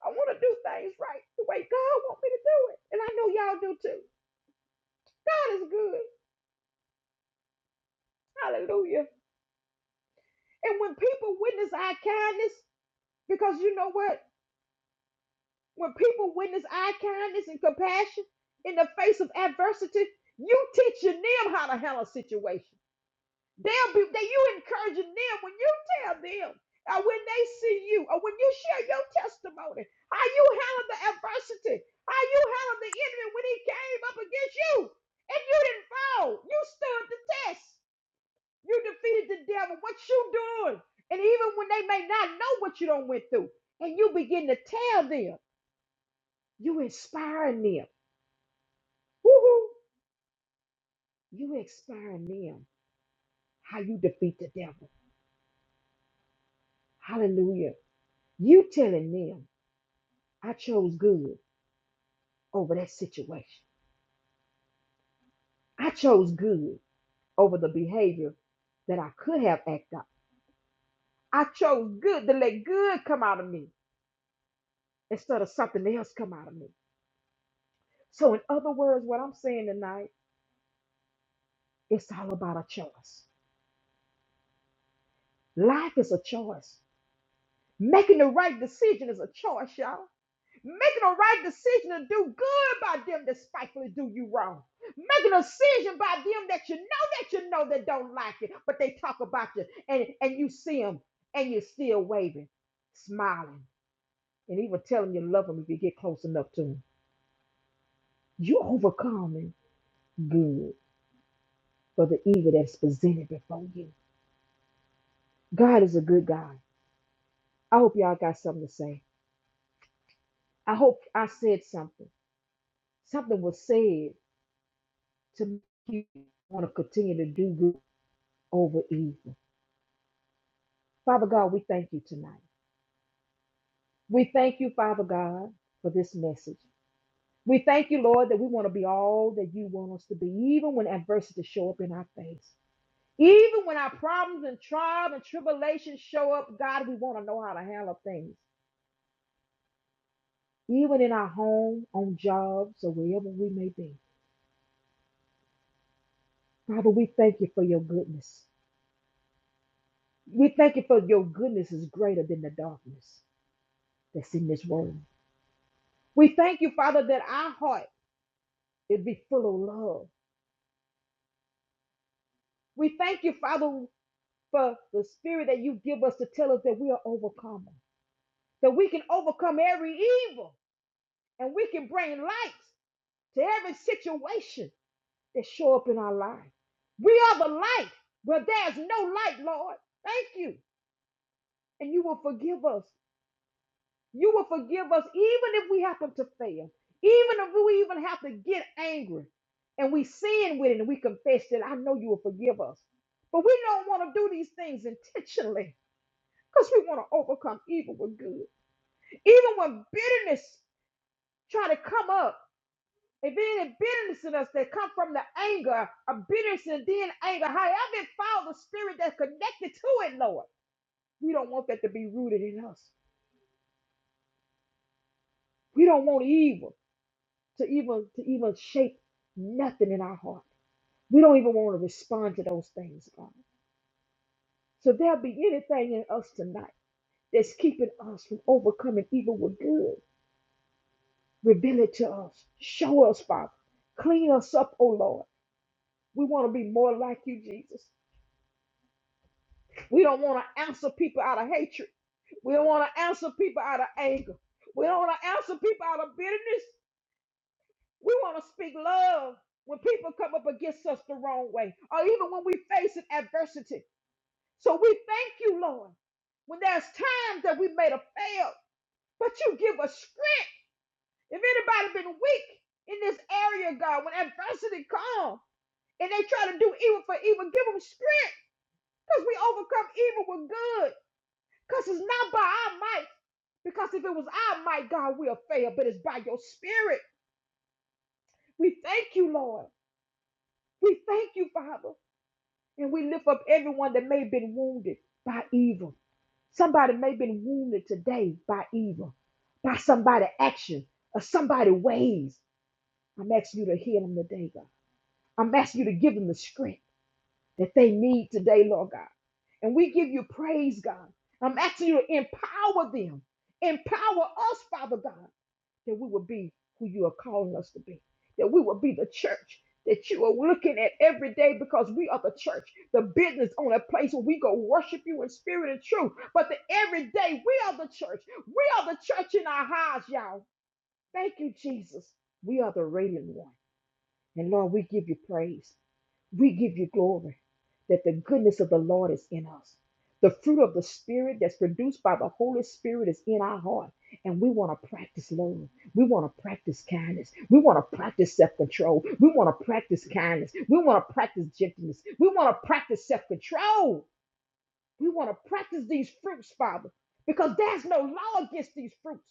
[SPEAKER 1] I want to do things right the way God wants me to do it. And I know y'all do too. God is good. Hallelujah. And when people witness our kindness, because you know what? When people witness our kindness and compassion in the face of adversity, you teach your them how to handle situations. They'll be they you encouraging them when you tell them or when they see you or when you share your testimony, how you handle the adversity, how you handle the enemy when he came up against you and you didn't fall. You stood the test. You defeated the devil. What you doing? And even when they may not know what you don't went through, and you begin to tell them, you inspiring them. Woo-hoo. You inspiring them how you defeat the devil. Hallelujah. You telling them. I chose good over that situation. I chose good over the behavior that I could have acted out. I chose good to let good come out of me instead of something else come out of me. So, in other words, what I'm saying tonight, it's all about a choice. Life is a choice. Making the right decision is a choice, y'all. making a right decision to do good by them that spitefully do you wrong. Making a decision by them that you know that you know that don't like it, but they talk about you and, and you see them and you're still waving, smiling, and even telling you love them if you get close enough to them. You overcoming good for the evil that's presented before you. God is a good God. I hope y'all got something to say. I hope I said something. Something was said to make you want to continue to do good over evil. Father God, we thank you tonight. We thank you, Father God, for this message. We thank you, Lord, that we want to be all that you want us to be, even when adversity show up in our face. Even when our problems and trials and tribulations show up, God, we want to know how to handle things, even in our home, on jobs, or wherever we may be. Father, we thank you for your goodness. We thank you for your goodness is greater than the darkness that's in this world. We thank you, Father, that our heart It'd be full of love. We thank you, Father, for the spirit that you give us to tell us that we are overcomers, that we can overcome every evil and we can bring light to every situation that show up in our life. We are the light where there's no light, Lord. Thank you. And you will forgive us You will forgive us even if we happen to fail, even if we even have to get angry and we sin with it and we confess that I know you will forgive us. But we don't want to do these things intentionally because we want to overcome evil with good. Even when bitterness try to come up, if there any bitterness in us that come from the anger a bitterness and then anger, however it found the spirit that's connected to it, Lord, we don't want that to be rooted in us. We don't want evil. to even to even shape nothing in our heart. We don't even want to respond to those things, God. So there be anything in us tonight that's keeping us from overcoming evil with good. Reveal it to us. Show us, Father. Clean us up, oh Lord. We want to be more like you, Jesus. We don't want to answer people out of hatred. We don't want to answer people out of anger. We don't want to answer people out of bitterness. We want to speak love when people come up against us the wrong way, or even when we face an adversity. So we thank you, Lord, when there's times that we may have failed, but you give us strength. If anybody been weak in this area, God, when adversity comes and they try to do evil for evil, give them strength because we overcome evil with good because it's not by our might. Because if it was our might, God, we'll fail, but it's by your spirit. We thank you, Lord. We thank you, Father. And we lift up everyone that may have been wounded by evil. Somebody may have been wounded today by evil, by somebody' action or somebody' ways. I'm asking you to heal them today, God. I'm asking you to give them the strength that they need today, Lord God. And we give you praise, God. I'm asking you to empower them, empower us, Father God that we would be who you are calling us to be, that we would be the church that you are looking at every day because we are the church, the business on a place where we go worship you in spirit and truth. But the every day we are the church. We are the church in our hearts, y'all. Thank you, Jesus. We are the radiant one. And Lord, we give you praise. We give you glory that the goodness of the Lord is in us. The fruit of the Spirit that's produced by the Holy Spirit is in our heart. And we want to practice love. We want to practice kindness. We want to practice self control. We want to practice kindness. We want to practice gentleness. We want to practice self control. We want to practice these fruits, Father, because there's no law against these fruits.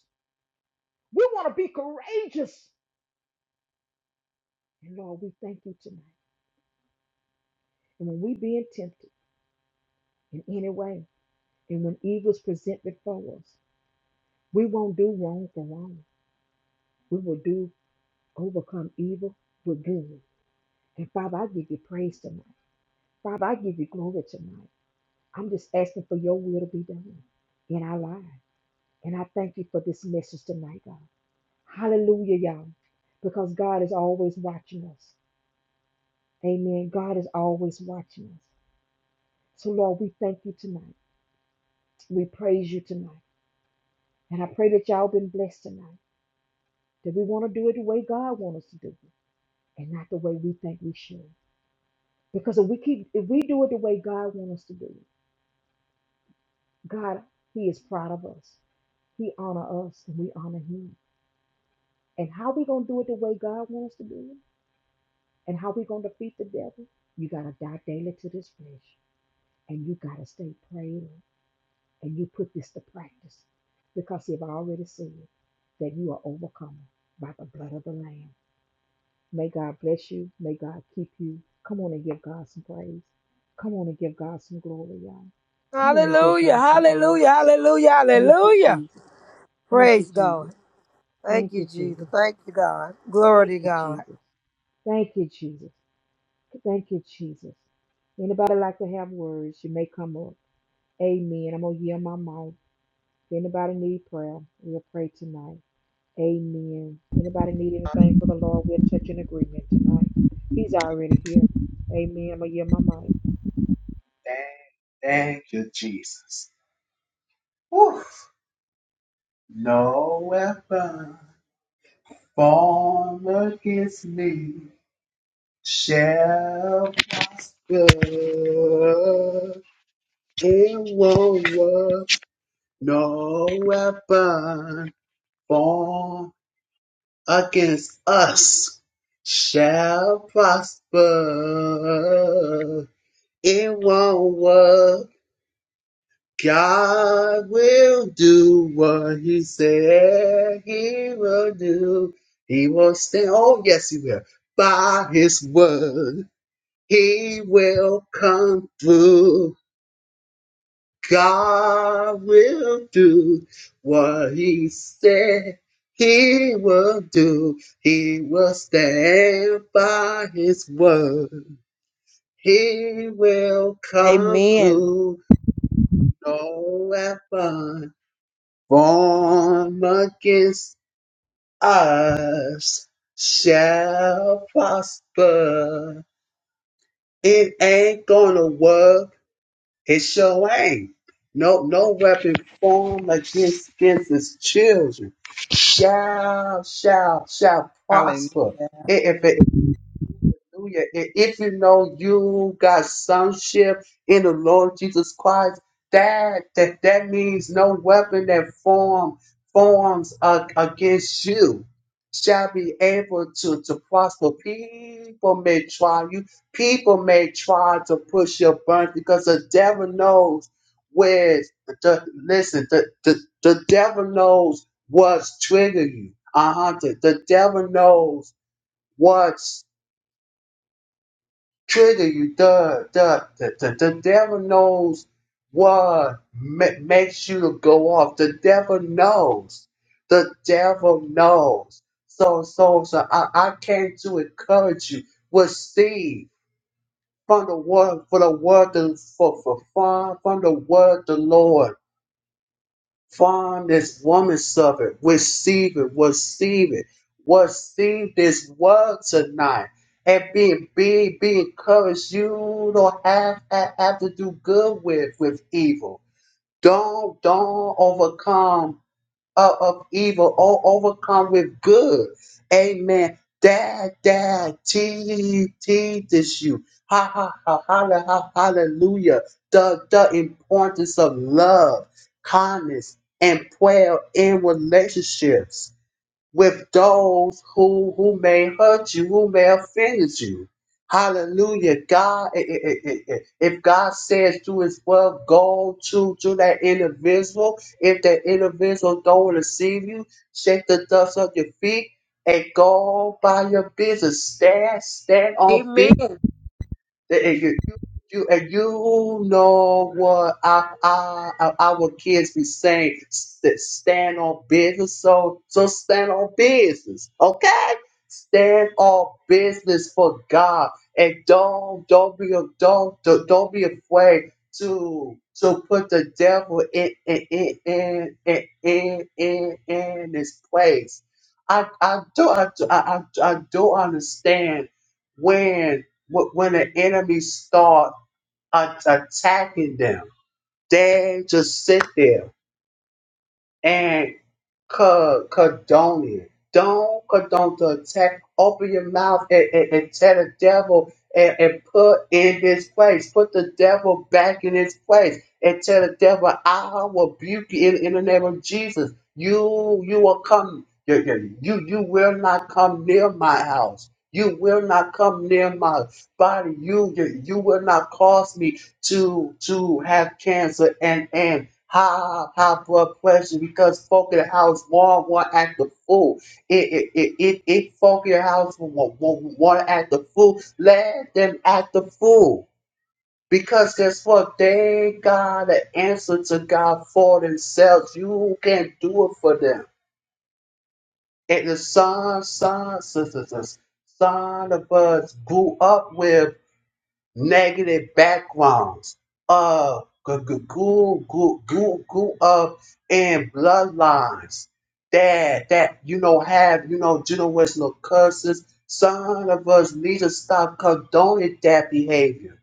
[SPEAKER 1] We want to be courageous. And Lord, we thank you tonight. And when we being tempted in any way, And when evil's present before us, we won't do wrong for wrong. We will do overcome evil with good. And Father, I give you praise tonight. Father, I give you glory tonight. I'm just asking for your will to be done in our lives. And I thank you for this message tonight, God. Hallelujah, y'all. Because God is always watching us. Amen. God is always watching us. So, Lord, we thank you tonight. We praise you tonight. And I pray that y'all been blessed tonight. That we want to do it the way God wants us to do it. and not the way we think we should. Because if we keep if we do it the way God wants us to do it, God, He is proud of us. He honor us and we honor him. And how we gonna do it the way God wants us to do it? And how we gonna defeat the devil? You gotta die daily to this flesh. And you gotta stay prayed up. And you put this to practice. Because see, I've already said that you are overcome by the blood of the Lamb May God bless you. May God keep you. Come on and give God some praise. Come on and give God some glory, y'all. Come on and give
[SPEAKER 3] Hallelujah,
[SPEAKER 1] God some honor.
[SPEAKER 3] hallelujah, hallelujah,
[SPEAKER 1] Thank you,
[SPEAKER 3] hallelujah.
[SPEAKER 1] Jesus. Thank you,
[SPEAKER 3] Praise
[SPEAKER 1] Jesus.
[SPEAKER 3] God. Thank
[SPEAKER 1] Thank
[SPEAKER 3] you,
[SPEAKER 1] you, Jesus.
[SPEAKER 3] Jesus. Thank you, God. Glory
[SPEAKER 1] Thank
[SPEAKER 3] to
[SPEAKER 1] you,
[SPEAKER 3] God.
[SPEAKER 1] Jesus. Thank you, Jesus. Thank you, Jesus. Anybody like to have words, you may come up. Amen. I'm going to yield my mouth. If anybody need prayer, we'll pray tonight. Amen. Anybody need anything for the Lord? We're touching agreement tonight. He's already here. Amen. I'm my mic.
[SPEAKER 2] you, Jesus. Whew. No weapon formed against me shall prosper. It won't work. No weapon formed against us shall prosper. It won't work. God will do what he said he will do. He will stand. Oh, yes, he will. By his word, he will come through. God will do what he said he will do. He will stand by his word. He will come
[SPEAKER 1] Amen.
[SPEAKER 2] through no weapon formed against us shall prosper. It ain't gonna work It sure ain't. No, no weapon formed against, against his children shall, shall, shall
[SPEAKER 4] Hallelujah.
[SPEAKER 2] prosper. Hallelujah. I- If you know you got sonship in the Lord Jesus Christ, that that, that means no weapon that form forms uh, against you shall be able to, to prosper. People may try you, people may try to push your burden because the devil knows where the listen, the, the, the devil knows what's triggering you. Uh-huh. The, the devil knows what? trigger you. The the the the, the devil knows what ma- makes you to go off. The devil knows. The devil knows. So so so I, I came to encourage you with seed from the word for the word the, for, for from from the word of the Lord. From this woman suffered, receive it, receive it, receive this word tonight. And being big, be encouraged. You don't have, have have to do good with with evil. Don't don't overcome of, of evil or overcome with good. Amen. Dad, dad, te- teaches you. Ha ha ha holla, ha hallelujah. The the importance of love, kindness, and prayer in relationships with those who who may hurt you, who may offend you. Hallelujah. God, i- i- i- i- i- if God says to his word, go to, to that individual. If that individual don't receive you, shake the dust off your feet and go by your business. Stand, stand on business
[SPEAKER 1] Amen.
[SPEAKER 2] and you, you, you- and you know what our, our, our our kids be saying, s- that stand on business. So, so stand on business, okay? Stand on business for God and don't don't be a- don't don't, don't be afraid to to put the devil in in in in in in, in, in his place. I, I do I, do- I, I I do understand when Wh- When the enemy start a- attacking them, they just sit there and co- condone it. Don't condone the attack. Open your mouth and, and, and tell the devil and, and put in his place. Put the devil back in his place and tell the devil, I will rebuke you in, in the name of Jesus. You you will come. You, you, you you will not come near my house. You will not come near my body. You you, you will not cause me to to have cancer and and high high blood pressure because folk in the house want want to act the fool. It it it it, it folk in the house want, want, want to act the fool. Let them act the fool. Because guess what? They got an answer to God for themselves. You can't do it for them. And the son, son, sisters, son of us grew up with negative backgrounds, uh, g- g- grew, grew, grew, grew up in bloodlines that that you know have you know generational curses. Some of us need to stop condoning that behavior.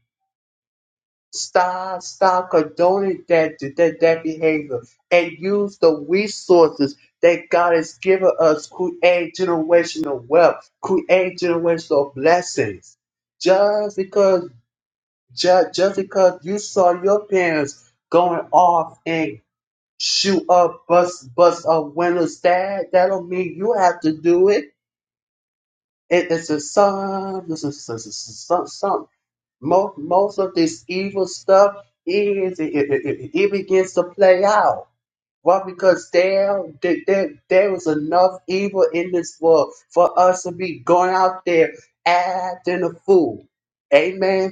[SPEAKER 2] Stop, stop condoning that that that behavior, and use the resources that God has given us. Create generational wealth. Create generational blessings just because Ju- just because you saw your parents going off and shoot up bust bust a windows dad, that don't mean you have to do it. it it's a some this is some, some, some most most of this evil stuff is it, it, it, it begins to play out. Why? Because there, there, there there is enough evil in this world for us to be going out there acting a fool. Amen.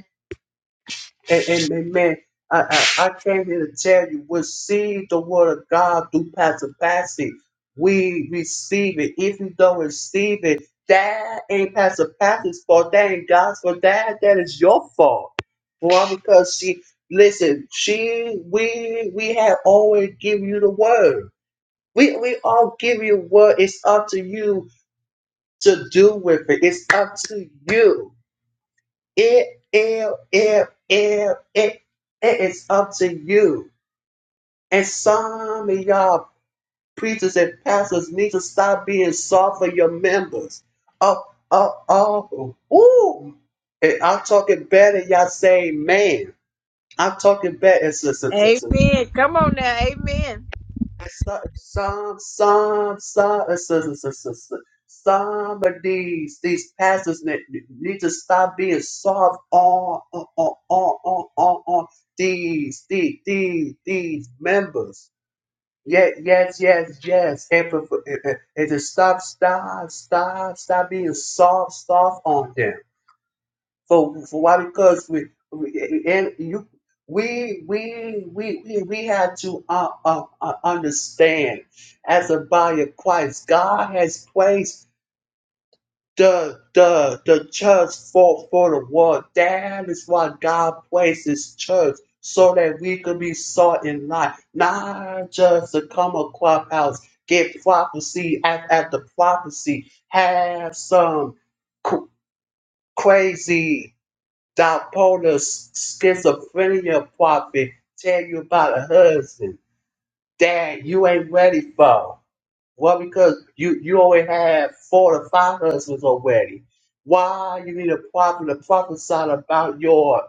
[SPEAKER 2] And, and, and man, I, I, I came here to tell you, receive the word of God through Pastor Patsy. We receive it. If you don't receive it, that ain't Pastor Patsy's fault. That ain't God's fault. That that is your fault. Well, because she listen, she we we have always given you the word. We we all give you a word. It's up to you to do with it. It's up to you. It, it, it, it, it, it is up to you. And some of y'all preachers and pastors need to stop being soft for your members. Oh, oh, oh, ooh. And I'm talking better, y'all say man. I'm talking better.
[SPEAKER 1] Amen. Come on now. Amen.
[SPEAKER 2] Some, some, some, some of these these pastors ne- need to stop being soft on on on on on, on these, these these these members. Yes, yes, yes, yes, and, for- and, and and to stop, stop, stop, stop being soft, soft on them. For for why? Because we, we and you we we we we, we have to uh, uh, uh, understand as a body of Christ, God has placed the the the church for for the world. That is why God placed His church. So that we could be sought in life, not just to come a clubhouse, get prophecy at, at the prophecy, have some cr- crazy Don Polar's schizophrenia prophet tell you about a husband that you ain't ready for. Well, because you you already have four to five husbands already. Why you need a prophet to prophesy about your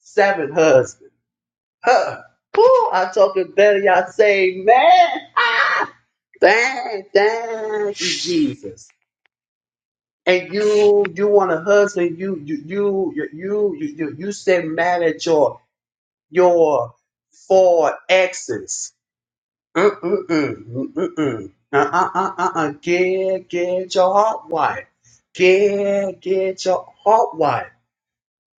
[SPEAKER 2] seventh husband? Huh? Woo, I'm talking better. Y'all say, man, ah, dang, dang, Jesus. And you, you want a husband? You, you, you, you, you, you, you, you stay mad at your your four exes. Mm-mm-mm. Uh-uh-uh-uh. Get, get your heart wired. Get, get your heart wired.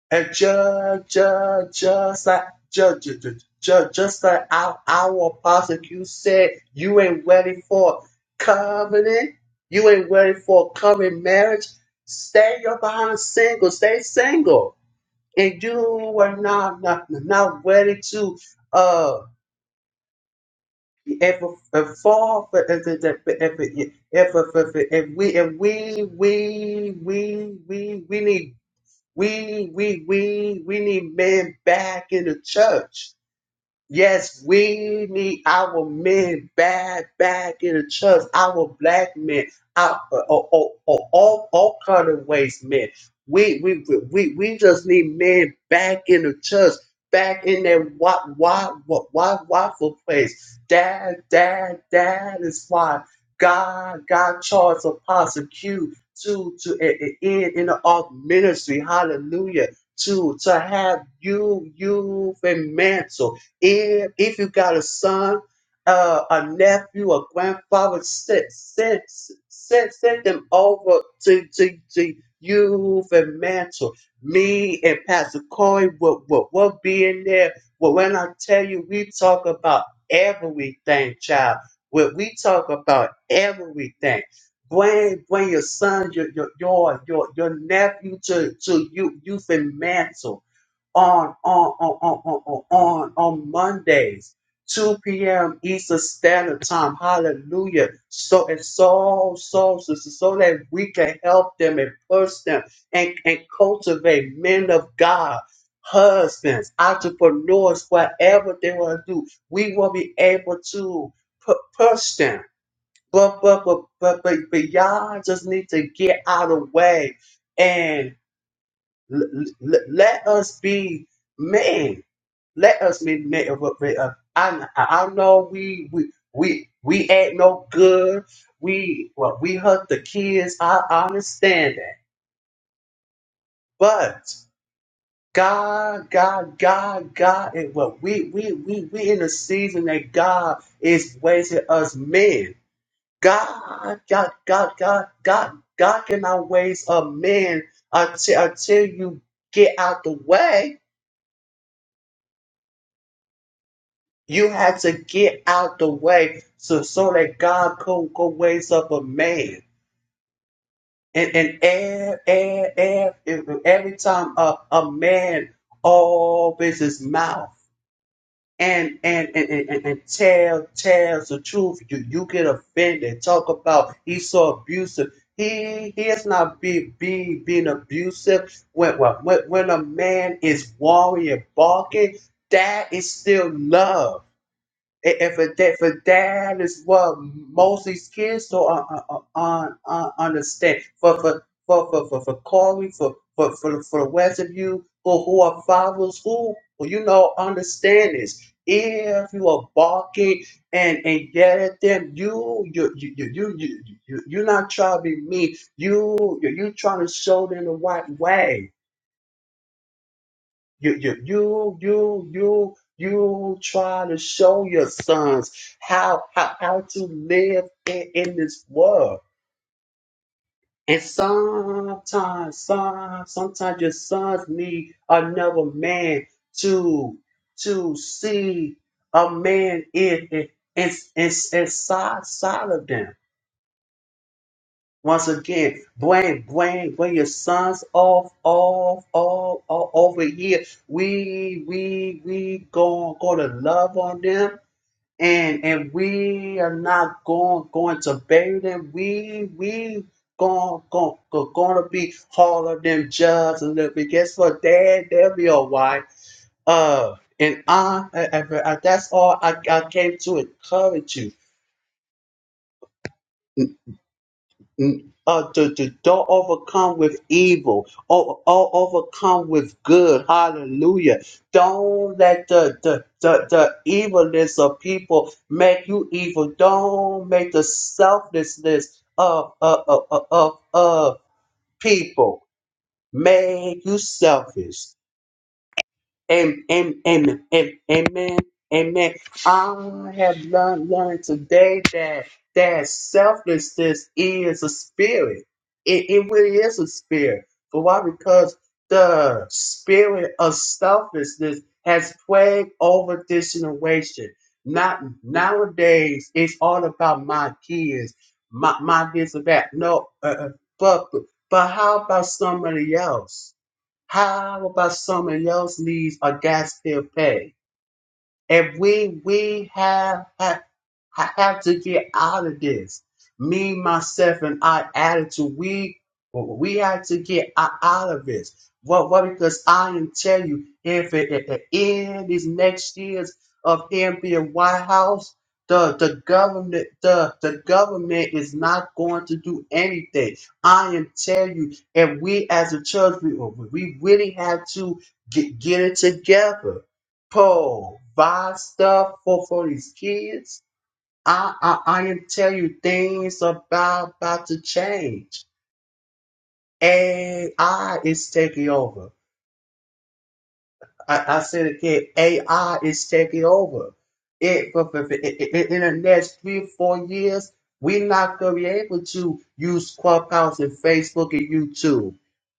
[SPEAKER 2] And just, just, just like, just, just, just, just like our, our apostle, you said you ain't ready for covenant. You ain't ready for covenant marriage. Stay up behind a single. Stay single. And you are not, not, not ready to uh. if if fall for if if if if if if we if we we we we we need we we we we need men back in the church. Yes, we need our men back, back in the church. Our black men, our, uh, uh, uh, uh, all all kind of ways, men. We we we we just need men back in the church, back in that why why why waffle place. Dad, dad, dad is why God God charged Apostle Q to to e- e- end in the art ministry. Hallelujah. To to have you you and mantle. If, if you got a son, uh, a nephew, a grandfather, send, send, send, send them over to, to, to youth and mantle. Me and Pastor Corey will, will, will be in there. But when I tell you, we talk about everything, child. When we talk about everything, bring bring your son, your your your your, your nephew to to you youth and mantle on, on, on, on, on, on, on, on Mondays, 2 p.m. Eastern Standard Time. Hallelujah. So and so, so, so, so, so that we can help them and push them and, and cultivate men of God, husbands, entrepreneurs, whatever they want to do. We will be able to pu- push them. But, but, but, but, but, but y'all just need to get out of the way L- l- let us be men. Let us be men. But- but, uh, I I know we we we we ain't no good. We well, we hurt the kids. I, I understand that, but God, God, God, God. And well, we we we we in a season that God is raising us men. God, God, God, God, God, God cannot raise a man until until you get out the way You had to get out the way so, so that God could go raise up a man. And and ev- ev- ev- ev- every time a, a man opens his mouth and and, and, and, and and tell tells the truth, you, you get offended. Talk about he's so abusive. He he is not be, be being abusive. When, when when when a man is warring and barking, that is still love and, and for that, for that is what most of these kids don't uh, uh, uh, uh, uh, understand. For for for for for, for Corey, for for for for the rest of you who who are fathers who who, you know understand this. If you are barking and and yell at them, you you you you you you you- you're not trying to be mean. You you you trying to show them the right way you, you, you, you, you, you trying to show your sons how, how, how to live in, in this world. And sometimes, some, sometimes your sons need another man to, to see a man in, in, in, in, inside, side of them. Once again, bring, bring, bring your sons off, off, off, off over here. We, we, we going, going to love on them, and and we are not going, going to bury them. We, we going, going, going to be harder than just a little bit. Guess what? Dad, they'll be all right. Uh, and I, I, I- that's all I, I came to encourage you. uh, to, to don't overcome with evil, or, or overcome with good. Hallelujah. Don't let the, the, the, the evilness of people make you evil. Don't make the selflessness of, of, of, of, of people make you selfish. Amen. Amen. Amen. Amen. amen. I have learned, learned today that that selflessness is a spirit. It, it really is a spirit. For why? Because the spirit of selflessness has plagued over this generation. Not nowadays, it's all about my kids, my my this and that. No, uh, uh, but but how about somebody else? How about someone else needs a gas bill pay? And we we have, have have to get out of this. Me, myself, and I attitude. We we have to get o- out of this. What what? Because I am telling you, if it, at the end these next years of him being White House, the the government the the government is not going to do anything. I am telling you, and we as a church, we we really have to get get it together Paul buy stuff for, for his kids. I, I I am telling you things about about to change. AI is taking over. I, I said again, AI is taking over. It, for, for, for- i- in the next three or four years, we're not going to be able to use Clubhouse and Facebook and YouTube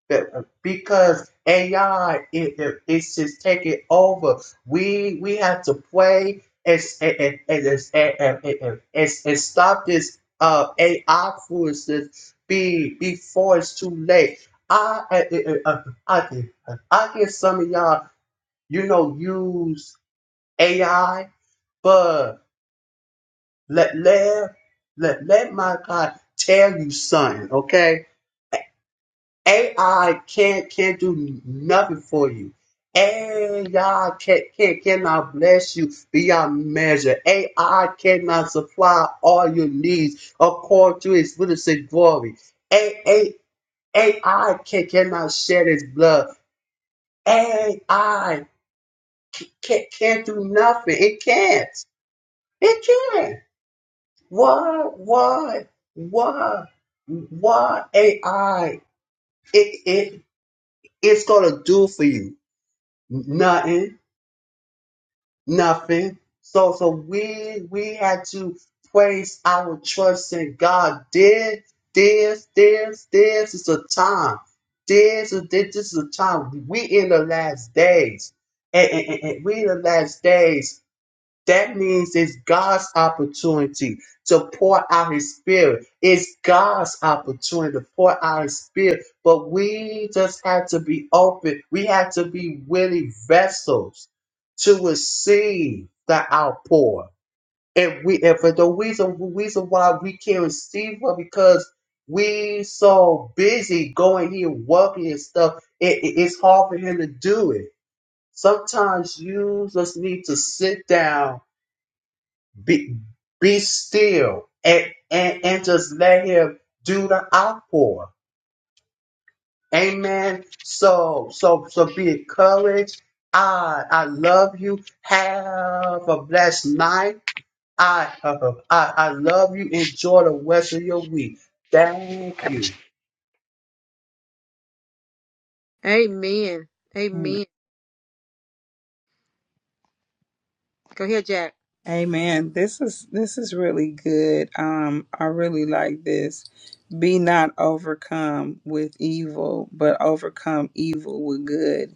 [SPEAKER 2] Be- because AI it, it, it's just taking over. We we have to play and and and, and, and, and, and, and, and stop this uh, AI foolishness be before it's too late. I, I, I, I, I, I get some of y'all you know, use AI, but let let let, let my God tell you something, okay? AI can't can't do nothing for you. AI can't, can't cannot bless you beyond measure. AI cannot supply all your needs according to its riches and glory. A, AI can, cannot shed its blood. AI can't, can't do nothing. It can't. It can't. Why, why, why, why AI? It it it's gonna do for you nothing, nothing. So so we we had to place our trust in God. This this this this is a time. This is this is a time. We in the last days, and, and, and- and we in the last days. That means it's God's opportunity to pour out his spirit. It's God's opportunity to pour out his spirit. But we just have to be open. We have to be willing vessels to receive the outpour. And we and for the reason reason why we can't receive it because we so busy going here working and stuff. it, it- it's hard for him to do it. Sometimes you just need to sit down be, be still and, and, and just let him do the outpour. Amen. So so so be encouraged. I I love you. Have a blessed night. I I, I love you. Enjoy the rest of your week. Thank you.
[SPEAKER 1] Amen.
[SPEAKER 4] Amen.
[SPEAKER 1] Amen. Go ahead, Jack.
[SPEAKER 4] Amen. This is this is really good. Um, I really like this. Be not overcome with evil, but overcome evil with good.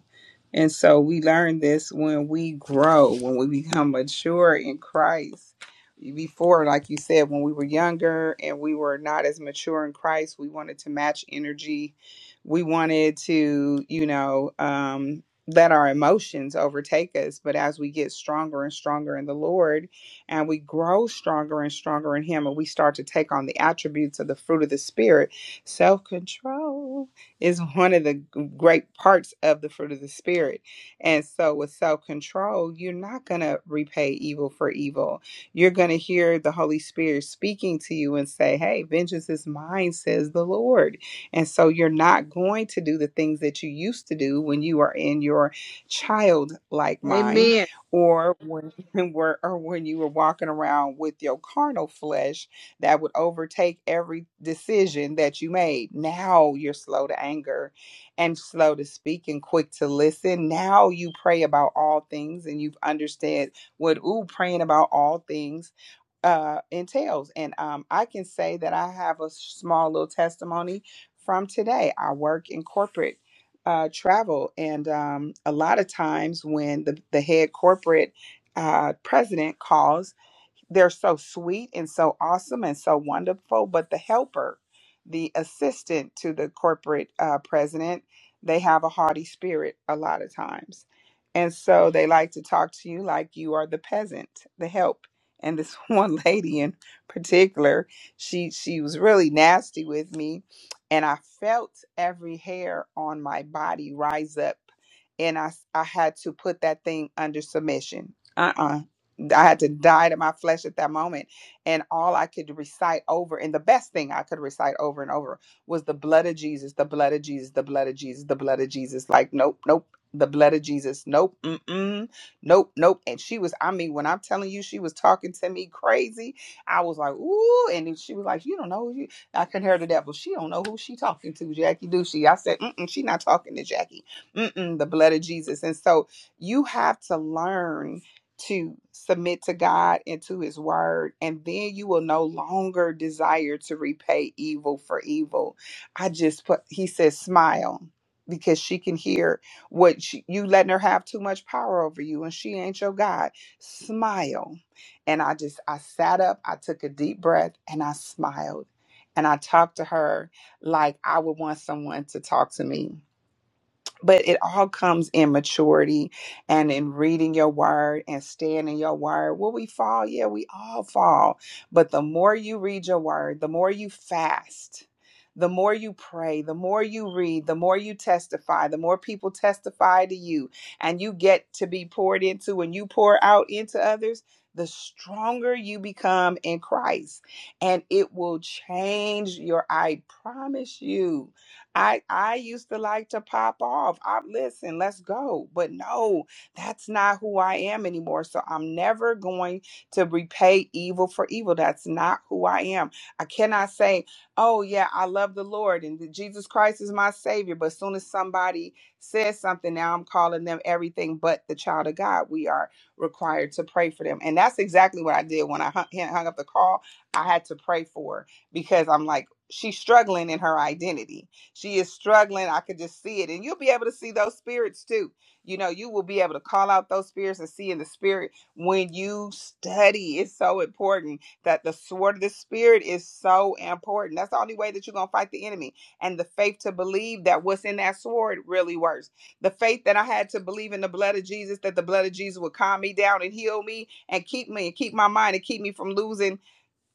[SPEAKER 4] And so we learn this when we grow, when we become mature in Christ. Before, like you said, when we were younger and we were not as mature in Christ, we wanted to match energy. We wanted to, you know, um, let our emotions overtake us. But as we get stronger and stronger in the Lord and we grow stronger and stronger in Him and we start to take on the attributes of the fruit of the Spirit self control is one of the great parts of the fruit of the spirit. And so with self-control, you're not going to repay evil for evil. You're going to hear the Holy Spirit speaking to you and say, "Hey, vengeance is mine," says the Lord. And so you're not going to do the things that you used to do when you are in your childlike mind
[SPEAKER 1] Amen.
[SPEAKER 4] or when or when you were walking around with your carnal flesh that would overtake every decision that you made. Now you're slow to anger and slow to speak and quick to listen. Now you pray about all things and you've understood what ooh praying about all things uh, entails. And um, I can say that I have a small little testimony from today. I work in corporate uh, travel, and um, a lot of times when the, the head corporate uh, president calls, they're so sweet and so awesome and so wonderful, but the helper, the assistant to the corporate uh, president, they have a haughty spirit a lot of times. And so they like to talk to you like you are the peasant, the help. And this one lady in particular, she she was really nasty with me, and I felt every hair on my body rise up and I I had to put that thing under submission. Uh uh I had to die to my flesh at that moment. And all I could recite over, and the best thing I could recite over and over was the blood of Jesus, the blood of Jesus, the blood of Jesus, the blood of Jesus. Like, nope, nope, the blood of Jesus, nope, mm-mm, nope, nope. And she was, I mean, when I'm telling you, she was talking to me crazy. I was like, ooh. And she was like, you don't know who you, I couldn't hear the devil. She don't know who she talking to, Jackie, do she? I said, mm-mm, she not talking to Jackie. Mm-mm, the blood of Jesus. And so you have to learn to submit to God and to his word and then you will no longer desire to repay evil for evil. I just put he says smile because she can hear what she, you letting her have too much power over you and she ain't your God. Smile. And I just I sat up, I took a deep breath and I smiled and I talked to her like I would want someone to talk to me but it all comes in maturity and in reading your word and staying in your word. Will we fall? Yeah, we all fall. But the more you read your word, the more you fast, the more you pray, the more you read, the more you testify, the more people testify to you, and you get to be poured into and you pour out into others. The stronger you become in Christ, and it will change your, I promise you I I used to like to pop off. I listen, let's go. But no, that's not who I am anymore. So I'm never going to repay evil for evil. That's not who I am. I cannot say, "Oh yeah, I love the Lord and Jesus Christ is my savior." But as soon as somebody says something, now I'm calling them everything but the child of God. We are required to pray for them. And that's exactly what I did when I hung hung up the call. I had to pray for her because I'm like she's struggling in her identity she is struggling. I could just see it. And you'll be able to see those spirits too. You know, you will be able to call out those spirits and see in the spirit when you study. It's so important that the sword of the spirit is so important. That's the only way that you're going to fight the enemy. And the faith to believe that what's in that sword really works. The faith that I had to believe in the blood of Jesus, that the blood of Jesus would calm me down and heal me and keep me and keep my mind and keep me from losing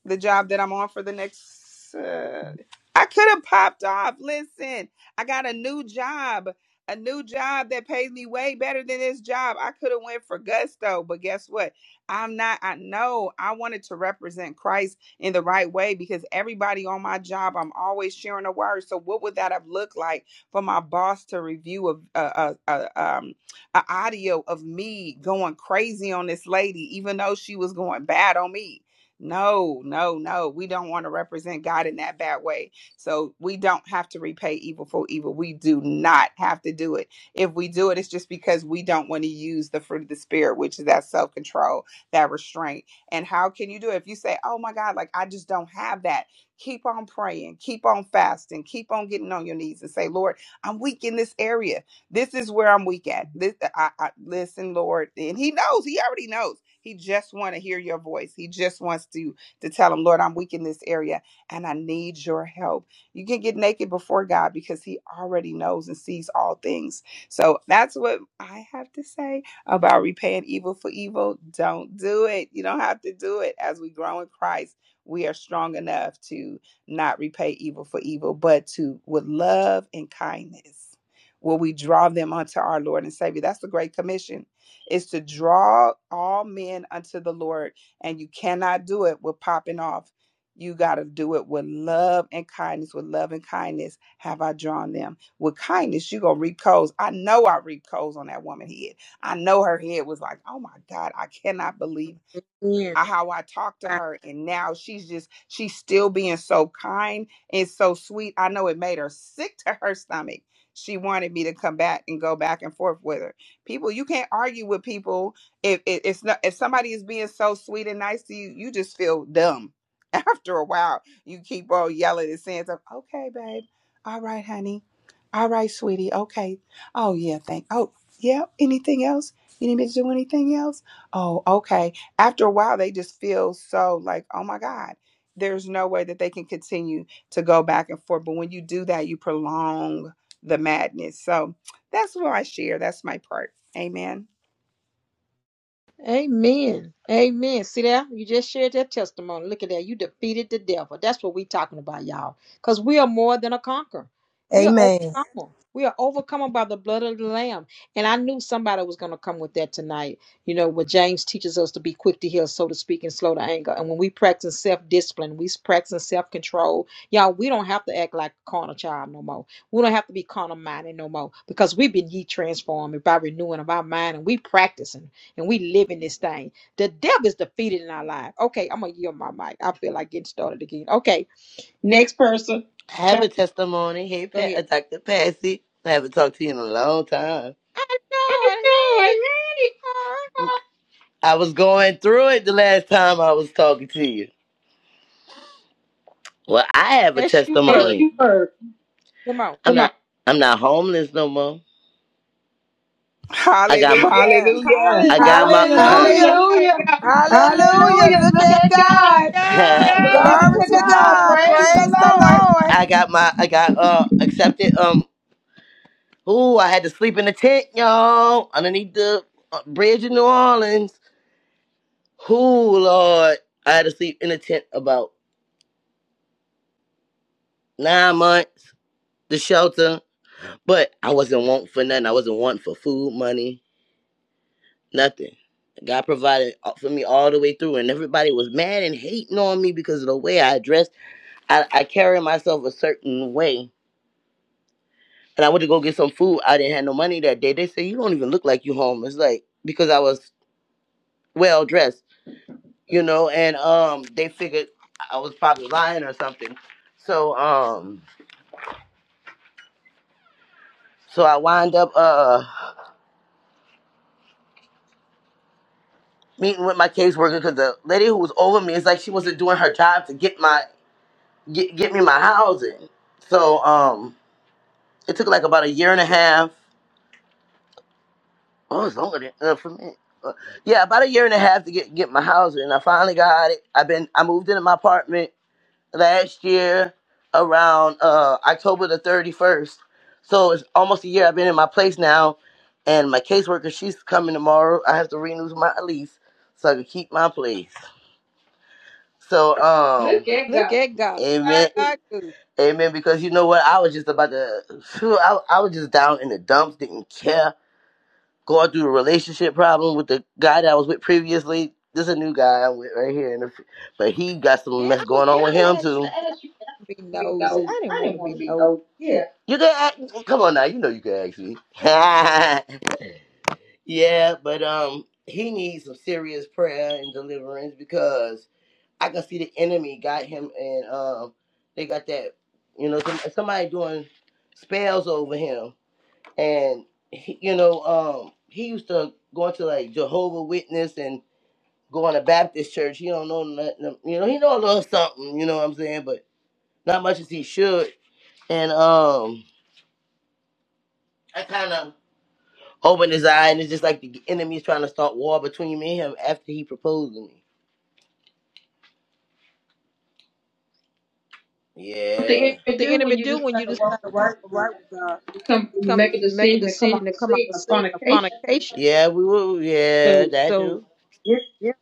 [SPEAKER 4] the job that I'm on for the next. Uh, I could have popped off. Listen, I got a new job, a new job that pays me way better than this job. I could have went for gusto, but guess what? I'm not. I know I wanted to represent Christ in the right way because everybody on my job, I'm always sharing a word. So what would that have looked like for my boss to review a a, a, a um a audio of me going crazy on this lady, even though she was going bad on me? No, no, no. We don't want to represent God in that bad way. So we don't have to repay evil for evil. We do not have to do it. If we do it, it's just because we don't want to use the fruit of the Spirit, which is that self control, that restraint. And how can you do it? If you say, oh my God, like I just don't have that, keep on praying, keep on fasting, keep on getting on your knees and say, Lord, I'm weak in this area. This is where I'm weak at. This, I, I, listen, Lord. And He knows, He already knows he just want to hear your voice. He just wants to to tell him, Lord, I'm weak in this area and I need your help. You can get naked before God because he already knows and sees all things. So that's what I have to say about repaying evil for evil. Don't do it. You don't have to do it. As we grow in Christ, we are strong enough to not repay evil for evil, but to with love and kindness will we draw them unto our Lord and Savior. That's the Great Commission is to draw all men unto the Lord. And you cannot do it with popping off. You got to do it with love and kindness. With love and kindness, have I drawn them? With kindness, you going to reap coals. I know I reap coals on that woman's head. I know her head was like, oh my God, I cannot believe
[SPEAKER 1] Amen.
[SPEAKER 4] I- how I talked to her and now she's just she's still being so kind and so sweet. I know it made her sick to her stomach. She wanted me to come back and go back and forth with her. People, you can't argue with people if if- it's not if somebody is being so sweet and nice to you, you just feel dumb. After a while, you keep on yelling and saying stuff. Okay, babe. All right, honey. All right, sweetie. Okay. Oh yeah, thank. Oh yeah. Anything else? You need me to do anything else? Oh, okay after a while they just feel so like oh my god there's no way that they can continue to go back and forth but when you do that you prolong the madness so that's what i share that's my part amen
[SPEAKER 1] Amen. Amen. See there? You just shared that testimony. Look at that. You defeated the devil. That's what we're talking about, y'all. Because we are more than a conqueror. We are
[SPEAKER 3] Amen.
[SPEAKER 1] overcomer. We are overcome by the blood of the Lamb. And I knew somebody was going to come with that tonight. You know, what James teaches us to be quick to heal, so to speak, and slow to anger. And when we practice self discipline, we practice self control. Y'all, we don't have to act like a carnal child no more. We don't have to be carnal minded no more because we've been ye transformed by renewing of our mind and we practicing and we live in this thing. The devil is defeated in our life. Okay, I'm gonna yield my mic. I feel like getting started again. Okay, next
[SPEAKER 5] Next
[SPEAKER 1] person.
[SPEAKER 5] person. I have a
[SPEAKER 1] Pastor,
[SPEAKER 5] testimony. Hey,
[SPEAKER 1] Go
[SPEAKER 5] Pat, uh,
[SPEAKER 1] ahead.
[SPEAKER 5] Dr. Patsy. I haven't talked to you in a long time.
[SPEAKER 1] I
[SPEAKER 5] I
[SPEAKER 1] know it.
[SPEAKER 5] know, I
[SPEAKER 1] Hey,
[SPEAKER 5] need
[SPEAKER 1] girl.
[SPEAKER 5] it. I was going through it the last time I was talking to you. Well, I have a Yes,
[SPEAKER 1] Yes, you
[SPEAKER 5] testimony.
[SPEAKER 1] were.
[SPEAKER 5] you were.
[SPEAKER 1] Come on.
[SPEAKER 5] I'm Come on. not I'm not homeless no more. I got my
[SPEAKER 4] hallelujah
[SPEAKER 5] Hallelujah. I got
[SPEAKER 1] Hallelujah.
[SPEAKER 5] my
[SPEAKER 1] Look
[SPEAKER 3] Hallelujah,
[SPEAKER 1] at
[SPEAKER 5] Hallelujah.
[SPEAKER 3] hallelujah.
[SPEAKER 5] Hallelujah.
[SPEAKER 3] Look
[SPEAKER 5] Look
[SPEAKER 1] God.
[SPEAKER 3] at
[SPEAKER 5] at
[SPEAKER 3] God.
[SPEAKER 5] God.
[SPEAKER 1] Yeah.
[SPEAKER 5] Glory I
[SPEAKER 3] Glory
[SPEAKER 5] to
[SPEAKER 3] to
[SPEAKER 5] God.
[SPEAKER 3] God.
[SPEAKER 5] Praise the
[SPEAKER 3] Praise
[SPEAKER 1] Hallelujah.
[SPEAKER 3] the
[SPEAKER 5] Lord.
[SPEAKER 3] Lord.
[SPEAKER 5] I got my I got uh accepted um. Ooh, I had to sleep in the tent, y'all, underneath the uh, bridge in New Orleans. Ooh, Lord, I had to sleep in a tent about nine months, the shelter. But I wasn't wanting for nothing. I wasn't wanting for food, money, nothing. God provided for me all the way through, and everybody was mad and hating on me because of the way I dressed. I, I carried myself a certain way, and I went to go get some food. I didn't have no money that day. They said, "You don't even look like you homeless," like because I was well dressed. you know, and um, they figured I was probably lying or something. So um, so I wind up uh meeting with my caseworker because the lady who was over me is like she wasn't doing her job to get my get get me my housing. So um, it took like about a year and a half. Oh, it's longer than uh, for me. Uh, Yeah, about a year and a half to get get my housing, and I finally got it. I've been I moved into my apartment last year around uh October the 31st. So it's almost a year I've been in my place now and my caseworker she's coming tomorrow. I have to renew my lease so I can keep my place. So um Look at
[SPEAKER 1] Look
[SPEAKER 5] God.
[SPEAKER 1] at God.
[SPEAKER 5] Amen.
[SPEAKER 1] God good.
[SPEAKER 5] Amen because you know what I was just about to phew, I, I was just down in the dumps didn't care going through a relationship problem with the guy that I was with previously. This is a new guy I'm with right here, in the, but he got
[SPEAKER 1] Yeah,
[SPEAKER 5] some mess
[SPEAKER 1] I was
[SPEAKER 5] going on yeah, with
[SPEAKER 1] about to
[SPEAKER 5] him
[SPEAKER 1] ask
[SPEAKER 5] too.
[SPEAKER 1] you that.
[SPEAKER 5] I
[SPEAKER 1] I
[SPEAKER 5] didn't
[SPEAKER 1] would be
[SPEAKER 5] Be
[SPEAKER 1] nosy.
[SPEAKER 5] nosy.
[SPEAKER 1] I didn't
[SPEAKER 5] I
[SPEAKER 1] want
[SPEAKER 5] didn't
[SPEAKER 1] to
[SPEAKER 5] want
[SPEAKER 1] be
[SPEAKER 5] to be
[SPEAKER 1] nosy.
[SPEAKER 5] nosy.
[SPEAKER 1] Yeah.
[SPEAKER 5] Yeah. You can ask, come on now, you know you can ask me. yeah, but um, he needs some serious prayer and deliverance because I can see the enemy got him, and um, they got that, you know, some, somebody doing spells over him and he, you know, um, he used to go into like Jehovah Witness and go on a Baptist church. He don't know nothing, you know. He know a little something, you know what I'm saying, but not much as he should. And um, I kind of opened his eye, and it's just like the enemy's trying to start war between me and him after he proposed to me. Yeah. What the Yeah,
[SPEAKER 1] What
[SPEAKER 5] enemy
[SPEAKER 1] the
[SPEAKER 5] do when
[SPEAKER 1] enemy
[SPEAKER 5] you
[SPEAKER 1] do
[SPEAKER 5] just
[SPEAKER 1] when you
[SPEAKER 5] kind of
[SPEAKER 1] decide
[SPEAKER 5] walk
[SPEAKER 1] to
[SPEAKER 5] away
[SPEAKER 1] walk
[SPEAKER 5] from
[SPEAKER 1] right with God?
[SPEAKER 5] You come,
[SPEAKER 1] You
[SPEAKER 5] you
[SPEAKER 1] come
[SPEAKER 5] make a
[SPEAKER 1] make a
[SPEAKER 5] decision to come
[SPEAKER 1] decision
[SPEAKER 5] out
[SPEAKER 1] to
[SPEAKER 5] the
[SPEAKER 1] come out
[SPEAKER 5] seed
[SPEAKER 1] of
[SPEAKER 5] of
[SPEAKER 1] sin of
[SPEAKER 5] fornication.
[SPEAKER 1] fornication.
[SPEAKER 5] yeah, we will. Yeah, So that
[SPEAKER 1] So
[SPEAKER 5] you.
[SPEAKER 1] yeah.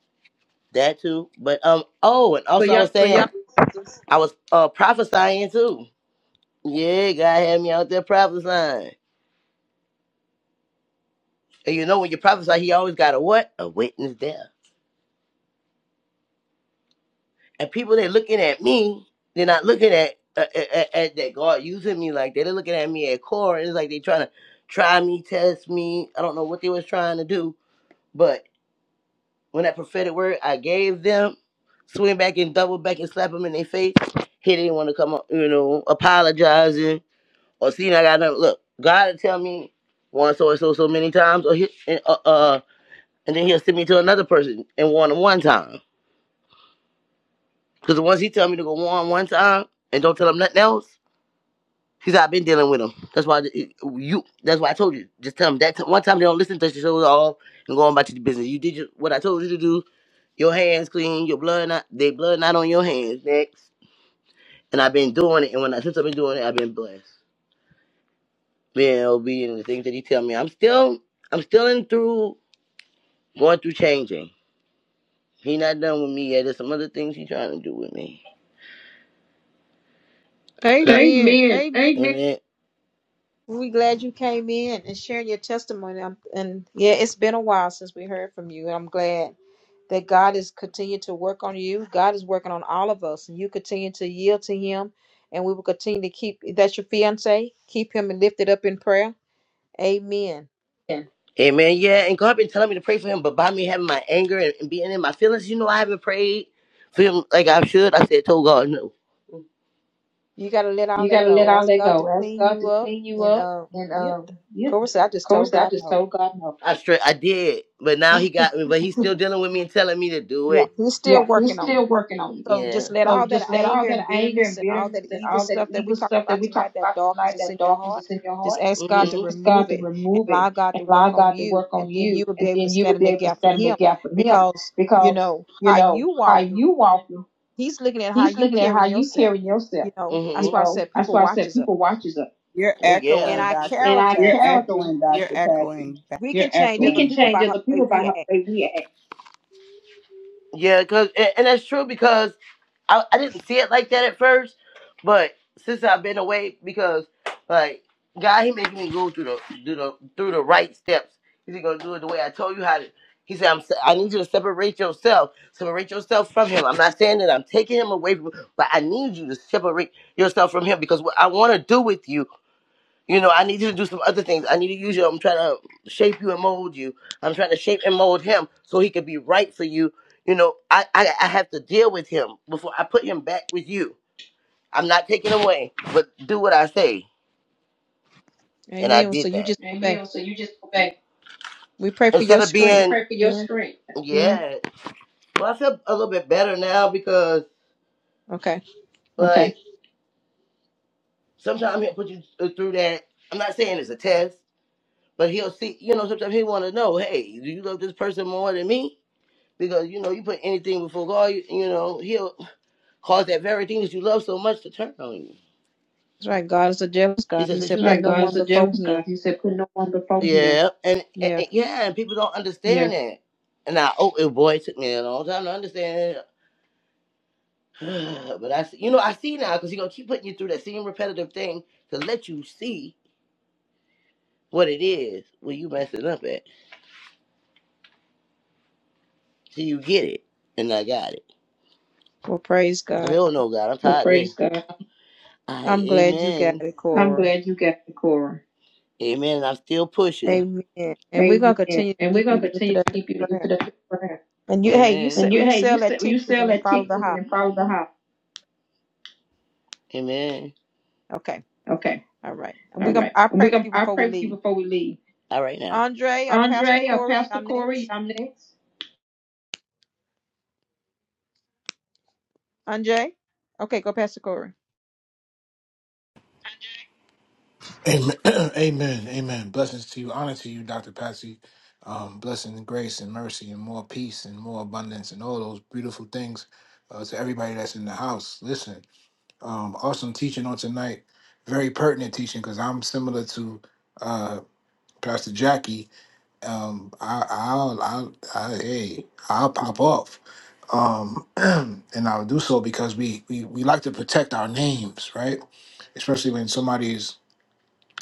[SPEAKER 5] That too. But um oh, and So also I you was
[SPEAKER 1] So y'all
[SPEAKER 5] saying
[SPEAKER 1] just
[SPEAKER 5] I was uh prophesying too. Yeah, God had me out there prophesying. And you know when you prophesy, he always got a what? A witness there. And people they looking at me, they're not looking at uh, at, at that God using me like that. They're looking at me at core. It's like they trying to try me, test me. I don't know what they was trying to do, but when that prophetic word I gave them, swing back and double back and slap them in their face. He didn't want to come up, you know, apologizing. or see, I got another look. God will tell me one so and so so many times, or he, and, uh, uh, and then he'll send me to another person and warn him one time. Because once he tell me to go warn one time and don't tell him nothing else, he's I've been dealing with him. That's why you. That's why I told you. Just tell him that t- one time they don't listen, touch your shoulders off, and go on about your business. You did your, what I told you to do. Your hands clean. Your blood not. They blood not on your hands. Next, and I've been doing it. And when I since I've been doing it, I've been blessed. Being obedient to the things that he tell me. I'm still. I'm still in through Going through changing. He not done with me yet. There's some other things he trying to do with me.
[SPEAKER 1] Amen.
[SPEAKER 5] Amen.
[SPEAKER 1] Amen.
[SPEAKER 5] Amen.
[SPEAKER 1] We glad you came in and sharing your testimony. Um and yeah, it's been a while since we heard from you. And I'm glad that God is continuing to work on you. God is working on all of us, and you continue to yield to Him. And we will continue to keep that's your fiance. Keep him lifted up in prayer. Amen.
[SPEAKER 5] Amen. Amen. Yeah, and God been telling me to pray for him, but by me having my anger and, and being in my feelings, you know, I haven't prayed for him like I should. I said, told God no.
[SPEAKER 1] You got to let all
[SPEAKER 5] You got
[SPEAKER 1] that
[SPEAKER 5] to let
[SPEAKER 1] go.
[SPEAKER 5] all
[SPEAKER 1] Ask
[SPEAKER 5] that
[SPEAKER 1] God to
[SPEAKER 5] go. Ask
[SPEAKER 1] clean
[SPEAKER 5] God
[SPEAKER 1] you
[SPEAKER 5] to
[SPEAKER 1] up.
[SPEAKER 5] clean you
[SPEAKER 1] And
[SPEAKER 5] up.
[SPEAKER 1] uh,
[SPEAKER 5] And
[SPEAKER 1] yeah,
[SPEAKER 5] um,
[SPEAKER 1] of
[SPEAKER 5] you, of
[SPEAKER 1] course, I just told
[SPEAKER 5] course, I
[SPEAKER 1] God
[SPEAKER 5] just
[SPEAKER 1] no.
[SPEAKER 5] told God no. I straight I did, but now he got me, but he's still dealing with me and telling me to do
[SPEAKER 1] Yeah,
[SPEAKER 5] it.
[SPEAKER 1] He's still
[SPEAKER 5] Yeah, He's
[SPEAKER 1] working on you.
[SPEAKER 5] still working on you.
[SPEAKER 1] So
[SPEAKER 5] Yeah.
[SPEAKER 1] just let
[SPEAKER 5] So
[SPEAKER 1] all that
[SPEAKER 5] just let all
[SPEAKER 1] anger
[SPEAKER 5] that
[SPEAKER 1] and
[SPEAKER 5] anger
[SPEAKER 1] bitterness
[SPEAKER 5] and
[SPEAKER 1] and all
[SPEAKER 5] bitterness
[SPEAKER 1] that
[SPEAKER 5] and
[SPEAKER 1] evil
[SPEAKER 5] all that
[SPEAKER 1] stuff that we
[SPEAKER 5] evil
[SPEAKER 1] talked
[SPEAKER 5] stuff that
[SPEAKER 1] about
[SPEAKER 5] we
[SPEAKER 1] tonight,
[SPEAKER 5] talked
[SPEAKER 1] that
[SPEAKER 5] about
[SPEAKER 1] darkness
[SPEAKER 5] tonight,
[SPEAKER 1] that's
[SPEAKER 5] that
[SPEAKER 1] in your
[SPEAKER 5] darkness
[SPEAKER 1] heart,
[SPEAKER 5] that's in your heart,
[SPEAKER 1] just ask
[SPEAKER 5] mm-hmm.
[SPEAKER 1] God
[SPEAKER 5] just
[SPEAKER 1] to
[SPEAKER 5] Mhm. ask God
[SPEAKER 1] remove
[SPEAKER 5] to
[SPEAKER 1] it and
[SPEAKER 5] remove
[SPEAKER 1] allow
[SPEAKER 5] it
[SPEAKER 1] God
[SPEAKER 5] and
[SPEAKER 1] to
[SPEAKER 5] allow
[SPEAKER 1] work on
[SPEAKER 5] God to
[SPEAKER 1] you.
[SPEAKER 5] work
[SPEAKER 1] And
[SPEAKER 5] on
[SPEAKER 1] then you
[SPEAKER 5] you,
[SPEAKER 1] will be
[SPEAKER 5] and
[SPEAKER 1] able to
[SPEAKER 5] then you will
[SPEAKER 1] stand in
[SPEAKER 5] be
[SPEAKER 1] the
[SPEAKER 5] able to
[SPEAKER 1] gap for
[SPEAKER 5] stand in the
[SPEAKER 1] Him
[SPEAKER 5] gap for Him
[SPEAKER 1] because, you
[SPEAKER 5] because
[SPEAKER 1] know,
[SPEAKER 5] you
[SPEAKER 1] how
[SPEAKER 5] know
[SPEAKER 1] you
[SPEAKER 5] how
[SPEAKER 1] walking,
[SPEAKER 5] you walk.
[SPEAKER 1] He's looking at how
[SPEAKER 5] He's
[SPEAKER 1] you
[SPEAKER 5] looking at how
[SPEAKER 1] carrying
[SPEAKER 5] you
[SPEAKER 1] yourself.
[SPEAKER 5] carry yourself.
[SPEAKER 1] You know,
[SPEAKER 5] Mm-hmm. You
[SPEAKER 1] that's
[SPEAKER 5] hmm
[SPEAKER 1] why I
[SPEAKER 5] know,
[SPEAKER 1] said
[SPEAKER 5] that's
[SPEAKER 1] people
[SPEAKER 5] why I said
[SPEAKER 1] watches us.
[SPEAKER 5] people watches us.
[SPEAKER 4] you're
[SPEAKER 5] Oh
[SPEAKER 1] And
[SPEAKER 5] yeah.
[SPEAKER 4] echoing
[SPEAKER 1] our
[SPEAKER 4] dr
[SPEAKER 5] And i You're
[SPEAKER 1] character,
[SPEAKER 4] patsy
[SPEAKER 5] echoing,
[SPEAKER 4] you're
[SPEAKER 5] Dr. Patsy.
[SPEAKER 4] echoing back
[SPEAKER 1] we
[SPEAKER 5] You're
[SPEAKER 1] can change
[SPEAKER 5] echoing. we
[SPEAKER 1] other
[SPEAKER 5] can
[SPEAKER 1] people
[SPEAKER 5] change
[SPEAKER 1] by how
[SPEAKER 5] other
[SPEAKER 1] the way
[SPEAKER 5] people by
[SPEAKER 1] we
[SPEAKER 5] how
[SPEAKER 1] act.
[SPEAKER 5] they react. Yeah, cause and, and that's true because I, I didn't see it like that at first, but since I've been away, because like God, He making me go through the through the through the right steps. He's gonna do it the way I told you how to. He said, "I'm. I need you to separate yourself, separate yourself from him. I'm not saying that I'm taking him away from, but I need you to separate yourself from him because what I want to do with you you know, I need you to do some other things. I need to use you. I'm trying to shape you and mold you. I'm trying to shape and mold him so he could be right for you. You know, I, I, I have to deal with him before I put him back with you. I'm not taking away, but do what I say. And I
[SPEAKER 1] Amen. So
[SPEAKER 5] did
[SPEAKER 1] you
[SPEAKER 5] that.
[SPEAKER 1] just obey.
[SPEAKER 5] Amen. So you just go back.
[SPEAKER 1] We pray for
[SPEAKER 5] Instead
[SPEAKER 1] your
[SPEAKER 5] of You being
[SPEAKER 1] strength.
[SPEAKER 5] You pray for your
[SPEAKER 1] Amen.
[SPEAKER 5] strength. Amen. Yeah. Mm-hmm. Well, I feel a little bit better now because,
[SPEAKER 1] Okay.
[SPEAKER 5] Okay. like, okay. sometimes he'll put you through that. I'm not saying it's a test, but he'll see, you know, sometimes he want to know, hey, do you love this person more than me? Because you know, you put anything before God, you, you know, He'll cause that very thing that you love so much to turn on you.
[SPEAKER 1] That's right. God is a jealous
[SPEAKER 5] He
[SPEAKER 1] God.
[SPEAKER 5] says,
[SPEAKER 1] He
[SPEAKER 5] "Since you
[SPEAKER 1] said,
[SPEAKER 5] love."
[SPEAKER 1] put
[SPEAKER 5] Right,
[SPEAKER 1] no
[SPEAKER 5] God is
[SPEAKER 1] one
[SPEAKER 5] a
[SPEAKER 1] before
[SPEAKER 5] jealous
[SPEAKER 1] Him.
[SPEAKER 5] God. He said, put no one before you. Yeah, and, and,
[SPEAKER 1] Yeah.
[SPEAKER 5] and- yeah, and people don't Yes. understand yeah. that. And I, oh, it, boy, it took me a long time to understand it. But I, you know, I see now because He's gonna keep putting you through that same repetitive thing to let you see what it is where you messing up at. So you get it, and I got it.
[SPEAKER 1] Well, praise
[SPEAKER 5] I
[SPEAKER 1] God.
[SPEAKER 5] said, oh no, God, I'm Well, tired of praise of God. I,
[SPEAKER 1] I'm glad you got
[SPEAKER 5] amen.
[SPEAKER 1] it,
[SPEAKER 5] I'm
[SPEAKER 1] Cora.
[SPEAKER 5] glad you got the Cora. Amen. I'm still pushing.
[SPEAKER 1] Amen. And we're gonna
[SPEAKER 5] Amen.
[SPEAKER 1] continue to
[SPEAKER 5] And we're
[SPEAKER 1] keep
[SPEAKER 5] gonna
[SPEAKER 1] you
[SPEAKER 5] continue
[SPEAKER 1] lifted
[SPEAKER 5] to
[SPEAKER 1] up in
[SPEAKER 5] keep you
[SPEAKER 1] prayer.
[SPEAKER 5] lifted up in prayer.
[SPEAKER 1] And you, hey, you
[SPEAKER 5] Amen. And
[SPEAKER 1] sell
[SPEAKER 5] you,
[SPEAKER 1] you
[SPEAKER 5] hey, you
[SPEAKER 1] sell that
[SPEAKER 5] sell you
[SPEAKER 1] ticket in
[SPEAKER 5] sell
[SPEAKER 1] and then
[SPEAKER 5] that
[SPEAKER 1] follow
[SPEAKER 5] ticket
[SPEAKER 1] the house.
[SPEAKER 5] and follow the house. Amen.
[SPEAKER 1] Okay.
[SPEAKER 5] Okay.
[SPEAKER 1] All right. And
[SPEAKER 5] All
[SPEAKER 1] we're gonna.
[SPEAKER 5] right.
[SPEAKER 1] I
[SPEAKER 5] And we're
[SPEAKER 1] pray with
[SPEAKER 5] gonna.
[SPEAKER 1] you
[SPEAKER 5] I
[SPEAKER 1] before we
[SPEAKER 5] pray for you
[SPEAKER 1] leave.
[SPEAKER 5] before we leave. All right now.
[SPEAKER 1] Andre or Pastor
[SPEAKER 5] Andre or
[SPEAKER 1] Corey,
[SPEAKER 5] Pastor
[SPEAKER 1] y'all
[SPEAKER 5] Corey,
[SPEAKER 1] next.
[SPEAKER 5] I'm next.
[SPEAKER 1] Andre. Okay, go Pastor Corey.
[SPEAKER 6] Amen. Amen. Amen. Blessings to you. Honor to you, Dr. Patsy. Um, blessings and grace and mercy and more peace and more abundance and all those beautiful things uh, to everybody that's in the house. Listen, um, awesome teaching on tonight. Very pertinent teaching because I'm similar to uh, Pastor Jackie. Um, I, I'll, I'll, I, hey, I'll pop off. Um, and I'll do so because we, we, we like to protect our names, right? Especially when somebody is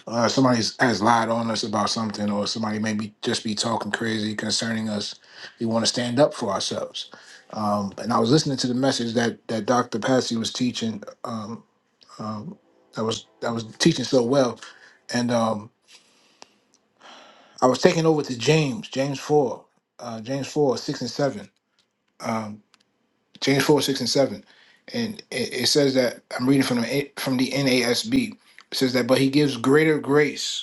[SPEAKER 6] uh, somebody has lied on us about something, or somebody may be just be talking crazy concerning us, we want to stand up for ourselves. Um, and I was listening to the message that that Dr. Patsy was teaching. Um, um, that was that was teaching so well, and um, I was taking over to James, James four, uh, James four, six and seven, um, James four, six and seven, and it, it says that I'm reading from the A- from the NASB. It says that, but he gives greater grace.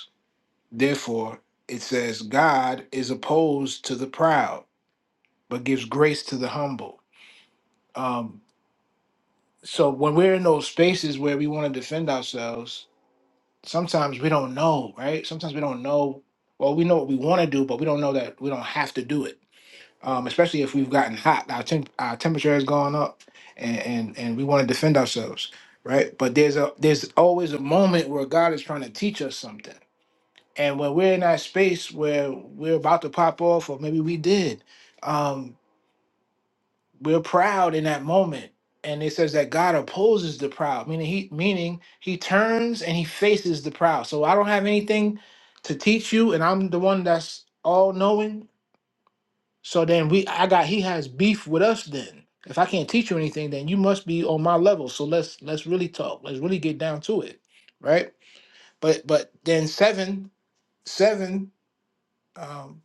[SPEAKER 6] Therefore, it says, God is opposed to the proud, but gives grace to the humble. Um, so when we're in those spaces where we want to defend ourselves, sometimes we don't know, right? Sometimes we don't know. Well, we know what we want to do, but we don't know that we don't have to do it. Um, especially if we've gotten hot, our, temp- our temperature has gone up, and, and and we want to defend ourselves, right? But there's a there's always a moment where God is trying to teach us something And when we're in that space where we're about to pop off, or maybe we did, um, we're proud in that moment. And it says that God opposes the proud, meaning he meaning he turns and he faces the proud. So I don't have anything to teach you, and I'm the one that's all knowing. So then we I got he has beef with us then. If I can't teach you anything, then you must be on my level. So let's let's really talk. Let's really get down to it. Right? But but then seven, seven, um,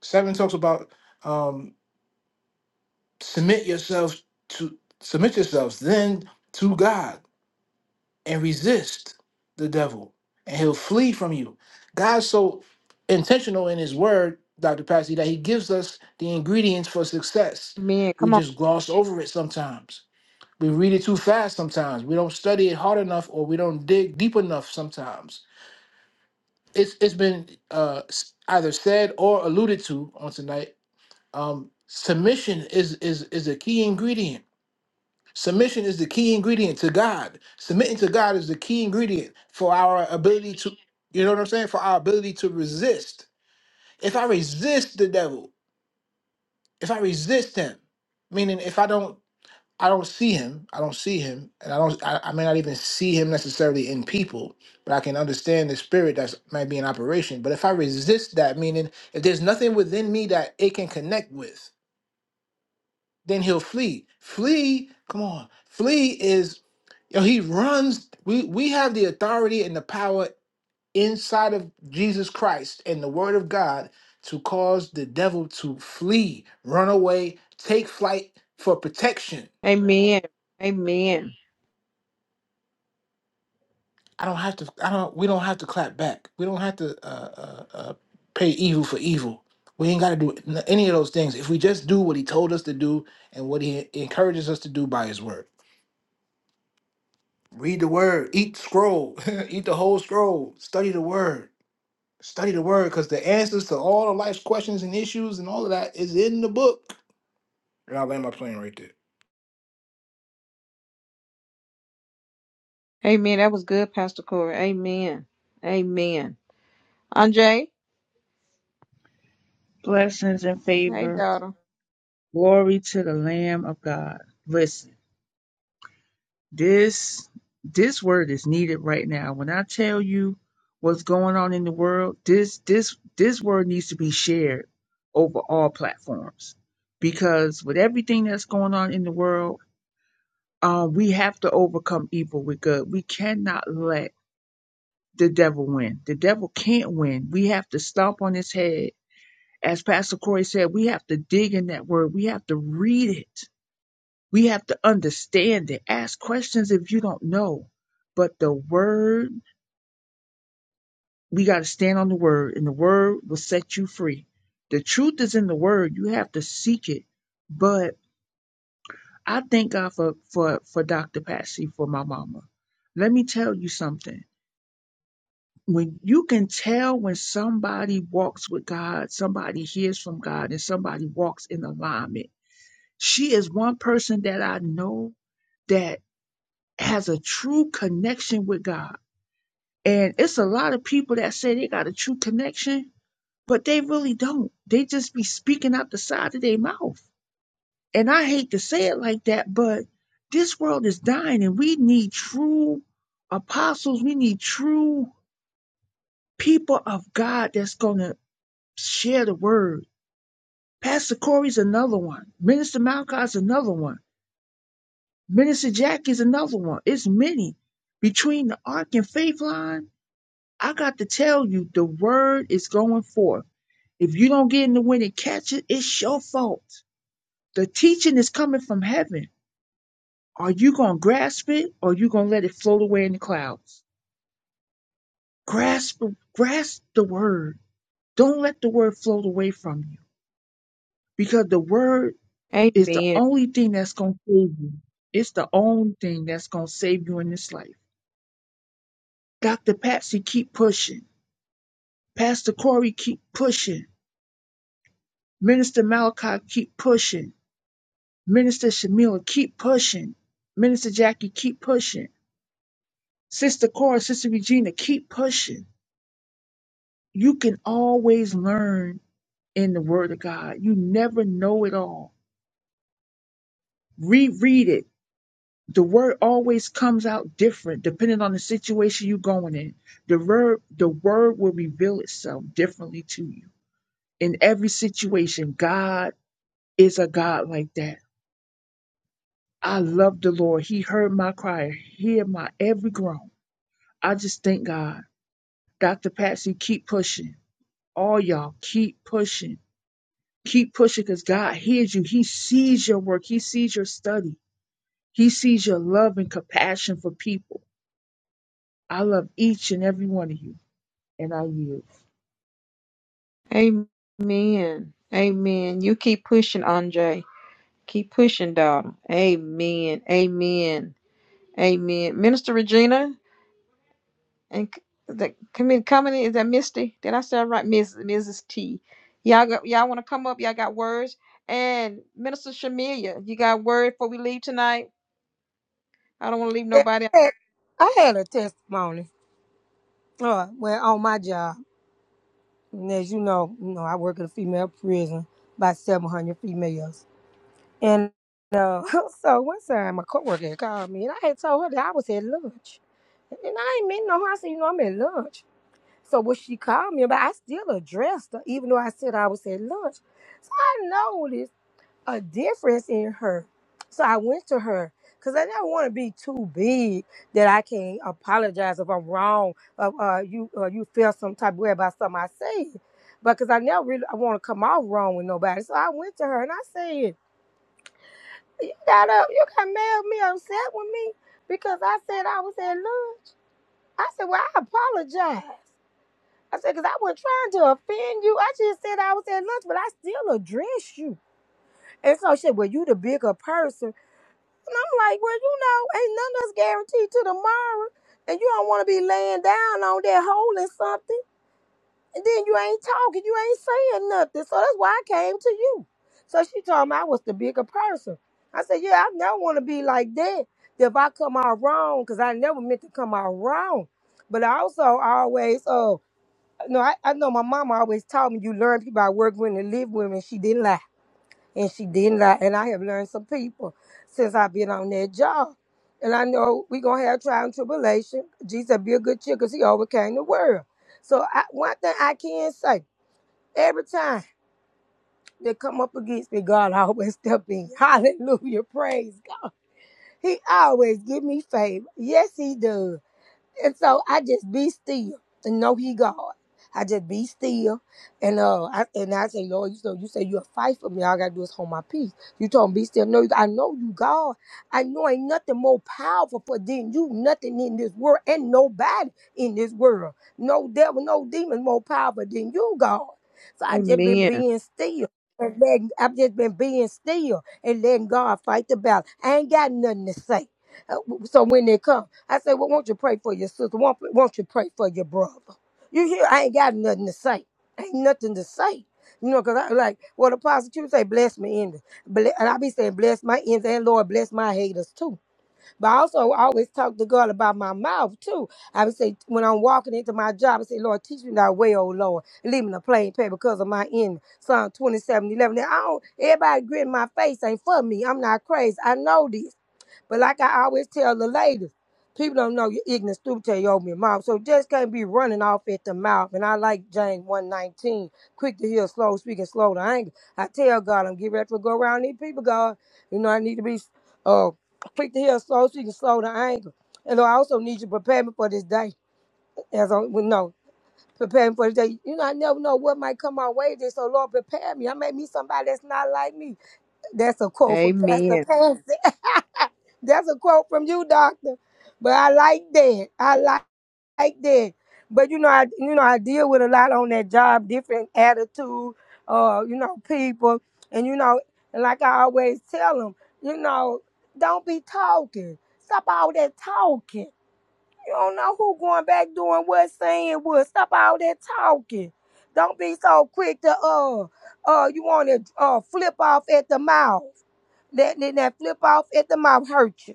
[SPEAKER 6] Seven talks about um, submit yourselves to submit yourselves then to God and resist the devil, and he'll flee from you. God's so intentional in His Word, Doctor Patsy, that He gives us the ingredients for success.
[SPEAKER 1] Amen.
[SPEAKER 6] We
[SPEAKER 1] Come on.
[SPEAKER 6] just gloss over it sometimes. We read it too fast sometimes. We don't study it hard enough, or we don't dig deep enough sometimes. It's it's been uh, s- either said or alluded to on tonight um, submission is is is a key ingredient. Submission is the key ingredient to God. Submitting to God is the key ingredient for our ability to, you know what I'm saying, for our ability to resist. If I resist the devil, if I resist him, meaning if I don't, I don't see him, I don't see him, and I don't, I, I may not even see him necessarily in people, but I can understand the spirit that's might be in operation. But if I resist that, meaning if there's nothing within me that it can connect with, then he'll flee. Flee, come on. Flee is yo, he runs. We we have the authority and the power inside of Jesus Christ and the word of God to cause the devil to flee, run away, take flight for protection.
[SPEAKER 1] Amen. Amen.
[SPEAKER 6] I don't have to I don't we don't have to clap back. We don't have to uh uh, uh pay evil for evil. We ain't got to do n- any of those things if we just do what he told us to do and what he encourages us to do by his word. Read the word, eat the scroll, eat the whole scroll, study the word, study the word, because the answers to all of life's questions and issues and all of that is in the book. And I land my plane right there.
[SPEAKER 1] Amen. That was good, Pastor Corey. Amen. Amen. Andre.
[SPEAKER 7] blessings and
[SPEAKER 1] Hey,
[SPEAKER 7] favor.
[SPEAKER 1] daughter.
[SPEAKER 7] Glory to the Lamb of God. Listen, this this word is needed right now. When I tell you what's going on in the world, this this this word needs to be shared over all platforms because with everything that's going on in the world, uh, we have to overcome evil with good. We cannot let the devil win. The devil can't win. We have to stomp on his head. As Pastor Corey said, we have to dig in that word. We have to read it We have to understand it. Ask questions if you don't know. But the word, we got to stand on the word, and the word will set you free. The truth is in the word. You have to seek it. But I thank God for, for, for Dr. Patsy, for my mama. Let me tell you something. When you can tell when somebody walks with God, somebody hears from God, and somebody walks in alignment. She is one person that I know that has a true connection with God And it's a lot of people that say they got a true connection, but they really don't. They just be speaking out the side of their mouth. And I hate to say it like that, but this world is dying and we need true apostles. We need true people of God that's going to share the word. Pastor Corey's another one. Minister Malachi's another one. Minister Jackie's another one. It's many. Between the Ark and Faith line, I got to tell you, the word is going forth If you don't get in the wind and catch it, it's your fault. The teaching is coming from heaven. Are you going to grasp it or are you going to let it float away in the clouds? Grasp, grasp the word. Don't let the word float away from you because the word is the
[SPEAKER 1] Amen.
[SPEAKER 7] only thing that's going to save you. It's the only thing that's going to save you in this life. Dr. Patsy, keep pushing. Pastor Corey, keep pushing. Minister Malachi, keep pushing. Minister Shamila, keep pushing. Minister Jackie, keep pushing. Sister Cora, Sister Regina, keep pushing. You can always learn in the Word of God. You never know it all. Reread it. The word always comes out different depending on the situation you're going in. The word, the word will reveal itself differently to you. In every situation, God is a God like that. I love the Lord. He heard my cry, hear my every groan. I just thank God. Dr. Patsy, keep pushing. All y'all, keep pushing Keep pushing because God hears you. He sees your work. He sees your study. He sees your love and compassion for people. I love each and every one of you, and I yield.
[SPEAKER 1] Amen. Amen. You keep pushing, Andre. Keep pushing, daughter. Amen. Amen. Amen. Minister Regina and c- the committee company is that Misty? Did I say it right? Miss Mrs. T. Y'all got, y'all want to come up? Y'all got words? And Minister Shamilia, you got word before we leave tonight? I don't want to leave
[SPEAKER 3] Yeah,
[SPEAKER 1] nobody. out.
[SPEAKER 3] I had I had a testimony uh, well, on my job. And as you know, you know, I work in a female prison, about 700 females. And uh, so one time my coworker had called me, and I had told her that I was at lunch. And I ain't meant no harm. I said, you know, I'm at lunch. So when she called me, but I still addressed her, even though I said I was at lunch. So I noticed a difference in her. So I went to her because I didn't want to be too big that I can't apologize if I'm wrong, or uh, you uh, you feel some type of way about something I said. But because I never really I want to come off wrong with nobody. So I went to her and I said, you got up, you got mad at me, upset with me because I said I was at lunch. I said, Well, I apologize. I said, Because I wasn't trying to offend you. I just said I was at lunch, but I still addressed you. And so she said, Well, you the bigger person. And I'm like, Well, you know, ain't none of us guaranteed to tomorrow. And you don't want to be laying down on that hole in something. And then you ain't talking, you ain't saying nothing. So that's why I came to you. So she told me I was the bigger person. I said, Yeah, I never want to be like that. If I come out wrong, because I never meant to come out wrong. But I also, always, uh, no, I, I know my mama always taught me you learn people I work with and live with, and she didn't lie. And she didn't lie. And I have learned some people since I've been on that job. And I know we're going to have trial and tribulation. Jesus be a good cheer because he overcame the world. So I, one thing I can say, every time they come up against me, God always step in. Hallelujah. Praise God. He always give me favor. Yes, he does. And so I just be still and know he God. I just be still and uh I, and I say, Lord, you know, you say you'll fight for me. All I gotta do is hold my peace. You told me be still. No, I know you God. I know ain't nothing more powerful for than you, nothing in this world and nobody in this world. No devil, no demon more powerful than you, God. So I just been
[SPEAKER 1] Amen.
[SPEAKER 3] being still. And letting, I've just been being still and letting God fight the battle. I ain't got nothing to say. Uh, So when they come, I say, well, won't you pray for your sister? Won't, won't you pray for your brother? You hear, I ain't got nothing to say. Ain't nothing to say. You know, because I like, well, the prosecutor say, bless my in Ble- and I be saying, bless my ends and Lord, bless my haters too. But I also always talk to God about my mouth too. I would say, when I'm walking into my job, I say, Lord, teach me thy way, oh Lord. Leave me the plain path because of my enemy. Psalm 27:11. Now, I don't, everybody grin my face ain't for me. I'm not crazy. I know this. But like I always tell the ladies, people don't know you're ignorant, stupid till you open your mouth. So just can't be running off at the mouth. And I like James 119, quick to hear, slow speaking, slow to anger. I tell God, I'm getting ready to go around these people, God. You know, I need to be uh, quick to hear, slow speaking, slow to anger. And I also need you to prepare me for this day. As I well, no, prepare me for this day. You know, I never know what might come my way. This, so Lord, prepare me. I may meet somebody that's not like me. That's a quote from
[SPEAKER 1] Amen.
[SPEAKER 3] Pastor Patsy. That's a quote from you, Doctor. But I like that. I like, like that. But you know, I you know I deal with a lot on that job, different attitude, uh, you know, people, and you know, and like I always tell them, you know, don't be talking. Stop all that talking. You don't know who going back doing what, saying what. Stop all that talking. Don't be so quick to uh uh you want to uh flip off at the mouth. That that that flip off at the mouth hurt you.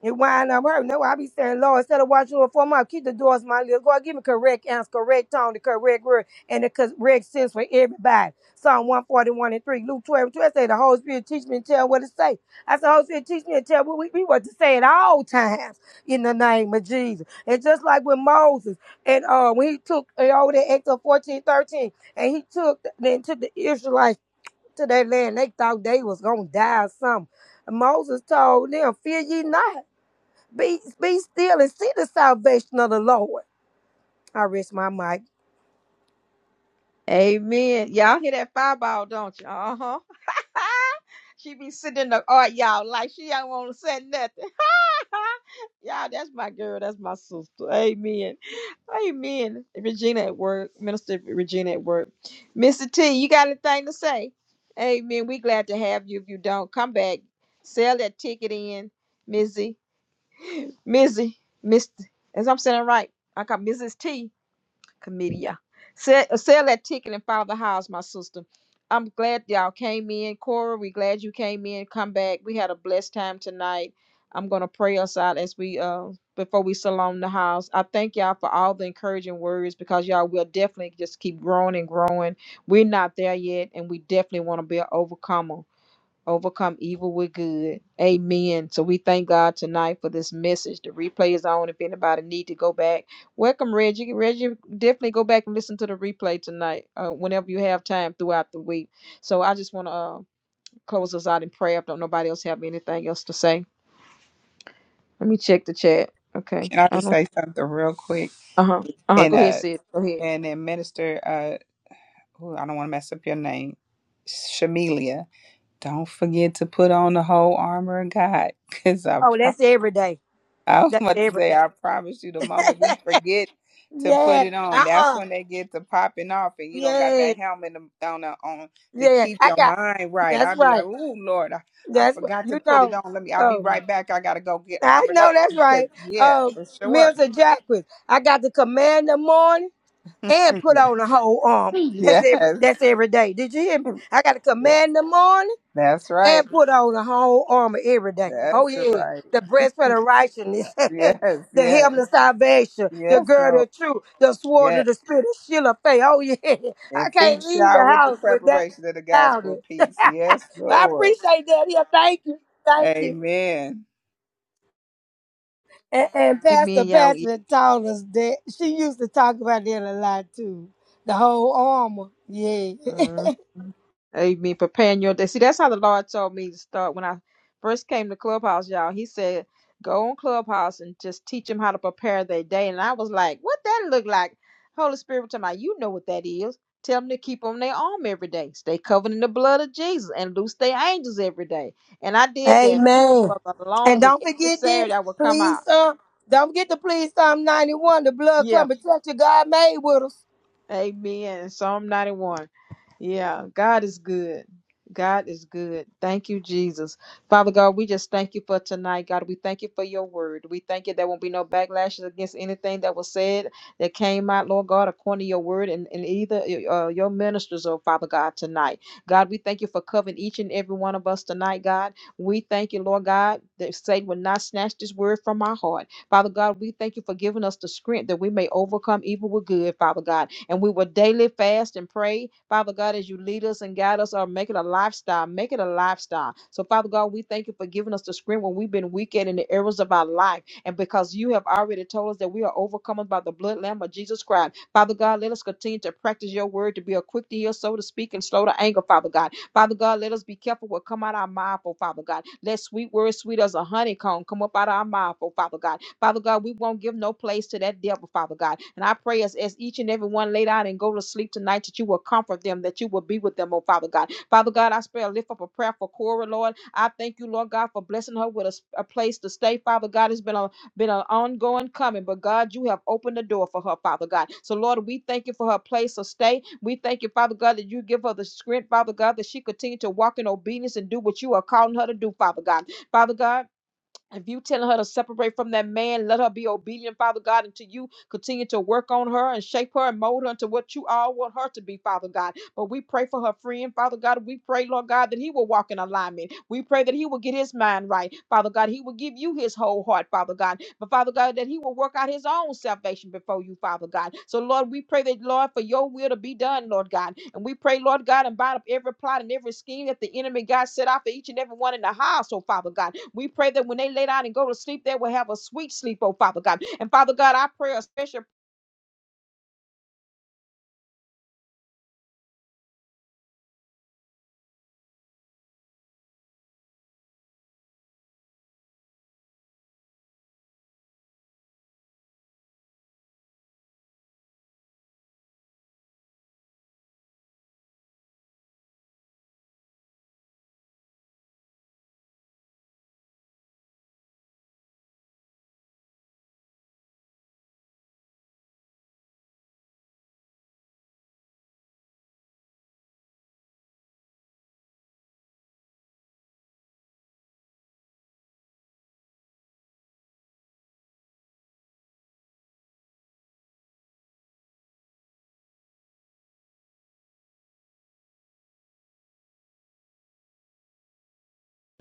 [SPEAKER 3] It wind up hurting. That's why I be saying, Lord, instead of watching over for my keep the doors, my little God, give me correct answer, correct tone, the correct word, and the correct sense for everybody. Psalm 141 and 3, Luke 12 and 12 say, The Holy Spirit teach me and tell what to say. I said, Holy Spirit teach me and tell what we, we what to say at all times in the name of Jesus. And just like with Moses, and uh, when he took uh, over there, Exodus 14 13 and he took, then took the Israelites to that land, they thought they was going to die or something. Moses told them, Fear ye not. Be be still and see the salvation of the Lord. I rest my mic.
[SPEAKER 1] Amen. Y'all hear that fireball, don't you? Uh huh. she be sitting in the art, y'all, like she don't want to say nothing. y'all, that's my girl. That's my sister. Amen. Amen. Regina at work, Minister Regina at work. Mr. T, you got anything to say? Amen. We glad to have you. If you don't, come back. Sell that ticket in, Mizzy. Mizzy. Mr. As I'm saying it right, I got Mrs. T. Comedia. Sell, sell that ticket and follow the house, my sister. I'm glad y'all came in. Cora, we glad you came in. Come back. We had a blessed time tonight. I'm gonna pray us out as we uh before we salon the house. I thank y'all for all the encouraging words because y'all will definitely just keep growing and growing. We're not there yet, and we definitely want to be an overcomer overcome evil with good. Amen. So we thank God tonight for this message. The replay is on if anybody need to go back. Welcome, Reggie. Reggie, definitely go back and listen to the replay tonight uh, whenever you have time throughout the week. So I just want to uh, close us out in prayer. If don't nobody else have anything else to say, let me check the chat. Okay.
[SPEAKER 4] can i
[SPEAKER 1] I
[SPEAKER 4] just
[SPEAKER 1] don't.
[SPEAKER 4] say something real quick
[SPEAKER 1] Uh huh. Uh huh.
[SPEAKER 4] and
[SPEAKER 1] Go ahead,
[SPEAKER 4] uh
[SPEAKER 1] sis. Go ahead.
[SPEAKER 4] and then minister uh ooh, i don't want to mess up your name Shamelia, don't forget to put on the whole armor of God. Because I
[SPEAKER 3] Oh, that's every day.
[SPEAKER 4] I was
[SPEAKER 3] That's
[SPEAKER 4] about to
[SPEAKER 3] every
[SPEAKER 4] say, I
[SPEAKER 3] day.
[SPEAKER 4] promise you, the moment we forget to put
[SPEAKER 3] yeah.
[SPEAKER 4] it on, that's
[SPEAKER 3] Uh-uh.
[SPEAKER 4] when they get to popping off, and you don't got
[SPEAKER 3] Yeah.
[SPEAKER 4] that helmet to- on the, on to
[SPEAKER 3] Yeah.
[SPEAKER 4] keep
[SPEAKER 3] I
[SPEAKER 4] your
[SPEAKER 3] got
[SPEAKER 4] mind right.
[SPEAKER 3] that's
[SPEAKER 4] I'll be like,
[SPEAKER 3] right.
[SPEAKER 4] "Ooh, Lord, I, I
[SPEAKER 3] That's right.
[SPEAKER 4] forgot to
[SPEAKER 3] you
[SPEAKER 4] put it
[SPEAKER 3] know.
[SPEAKER 4] on. Let me. I'll be
[SPEAKER 3] Um
[SPEAKER 4] right back. I gotta go get
[SPEAKER 3] I
[SPEAKER 4] armored
[SPEAKER 3] know
[SPEAKER 4] up
[SPEAKER 3] that's
[SPEAKER 4] because
[SPEAKER 3] right.
[SPEAKER 4] yeah,
[SPEAKER 3] Um
[SPEAKER 4] for sure.
[SPEAKER 3] Mills and Jacquees. I got to command the morning and put on the whole armor. That's
[SPEAKER 4] Yeah.
[SPEAKER 3] every
[SPEAKER 4] yes,
[SPEAKER 3] that's every day. Did you hear me? I got to
[SPEAKER 4] yes,
[SPEAKER 3] command the morning
[SPEAKER 4] that's
[SPEAKER 3] and
[SPEAKER 4] right.
[SPEAKER 3] put on the whole armor every day. Oh
[SPEAKER 4] That's
[SPEAKER 3] yeah,
[SPEAKER 4] right.
[SPEAKER 3] the breastplate of righteousness, the
[SPEAKER 4] Yes, yes,
[SPEAKER 3] helmet of salvation, the
[SPEAKER 4] yes,
[SPEAKER 3] girdle
[SPEAKER 4] Lord.
[SPEAKER 3] of truth, the sword of
[SPEAKER 4] Yes,
[SPEAKER 3] the spirit, the shield of faith. Oh yeah, I
[SPEAKER 4] and feet
[SPEAKER 3] can't leave the
[SPEAKER 4] shod with the
[SPEAKER 3] house
[SPEAKER 4] preparation of the
[SPEAKER 3] without
[SPEAKER 4] gospel
[SPEAKER 3] it.
[SPEAKER 4] of
[SPEAKER 3] but
[SPEAKER 4] peace. Yes,
[SPEAKER 3] I
[SPEAKER 4] Lord.
[SPEAKER 3] appreciate that. Yeah, thank you, thank you.
[SPEAKER 4] Amen.
[SPEAKER 3] And, and Pastor
[SPEAKER 1] Amen, y'all.
[SPEAKER 3] Pastor told us that she used to talk about that a lot too. The whole armor, yeah.
[SPEAKER 1] Mm. Amen. Preparing your day. See, that's how the Lord told me to start when I first came to Clubhouse, y'all. He said, go on Clubhouse and just teach them how to prepare their day. And I was like, what that look like? Holy Spirit, tell me, you know what that is. Tell them to keep on their arm every day. Stay covered in the blood of Jesus and loose their angels every day. And I did that
[SPEAKER 3] Amen.
[SPEAKER 1] for the
[SPEAKER 3] And
[SPEAKER 1] longest.
[SPEAKER 3] don't
[SPEAKER 1] Every
[SPEAKER 3] forget
[SPEAKER 1] Saturday
[SPEAKER 3] this,
[SPEAKER 1] I would come
[SPEAKER 3] please,
[SPEAKER 1] out.
[SPEAKER 3] Psalm. Don't forget to please Psalm 91, the blood
[SPEAKER 1] Yeah.
[SPEAKER 3] cover, protect your God made with us.
[SPEAKER 1] Amen. Psalm 91. Yeah, God is good. God is good. Thank you, Jesus. Father God, we just thank you for tonight. God, we thank you for your word. We thank you there won't be no backlashes against anything that was said that came out, Lord God, according to your word and, and either uh, your ministers or Father God tonight. God, we thank you for covering each and every one of us tonight, God. We thank you, Lord God, that Satan will not snatch this word from our heart. Father God, we thank you for giving us the strength that we may overcome evil with good, Father God and we will daily fast and pray. Father God, as you lead us and guide us, or make it a lifestyle, make it a lifestyle. So, Father God, we thank you for giving us the strength when we've been weak and in the areas of our life. And because you have already told us that we are overcome by the blood lamb of Jesus Christ. Father God, let us continue to practice your word to be a quick to hear, so to speak, and slow to anger, Father God. Father God, let us be careful what come out our mouth, oh Father God. Let sweet words, sweet as a honeycomb, come up out of our mouth, oh Father God. Father God, we won't give no place to that devil, Father God. And I pray as, as each and every one lay down and go to sleep tonight that you will comfort them, that you will be with them, oh Father God. Father God, I pray, I lift up a prayer for Cora, Lord. I thank you, Lord God, for blessing her with a, s- a place to stay, Father God. It's been a been an ongoing coming, but God, you have opened the door for her, Father God. So, Lord, we thank you for her place of stay. We thank you, Father God, that you give her the strength, Father God, that she continue to walk in obedience and do what you are calling her to do, Father God. Father God, if you telling her to separate from that man, let her be obedient, Father God, until you continue to work on her and shape her and mold her into what you all want her to be, Father God. But we pray for her friend, Father God. We pray, Lord God, that he will walk in alignment. We pray that he will get his mind right, Father God. He will give you his whole heart, Father God. But Father God, that he will work out his own salvation before you, Father God. So Lord, we pray that, Lord, for your will to be done, Lord God. And we pray, Lord God, and bind up every plot and every scheme that the enemy God set out for each and every one in the house, oh Father God. We pray that when they lay down and go to sleep, they will have a sweet sleep, oh Father God. And Father God, I pray a special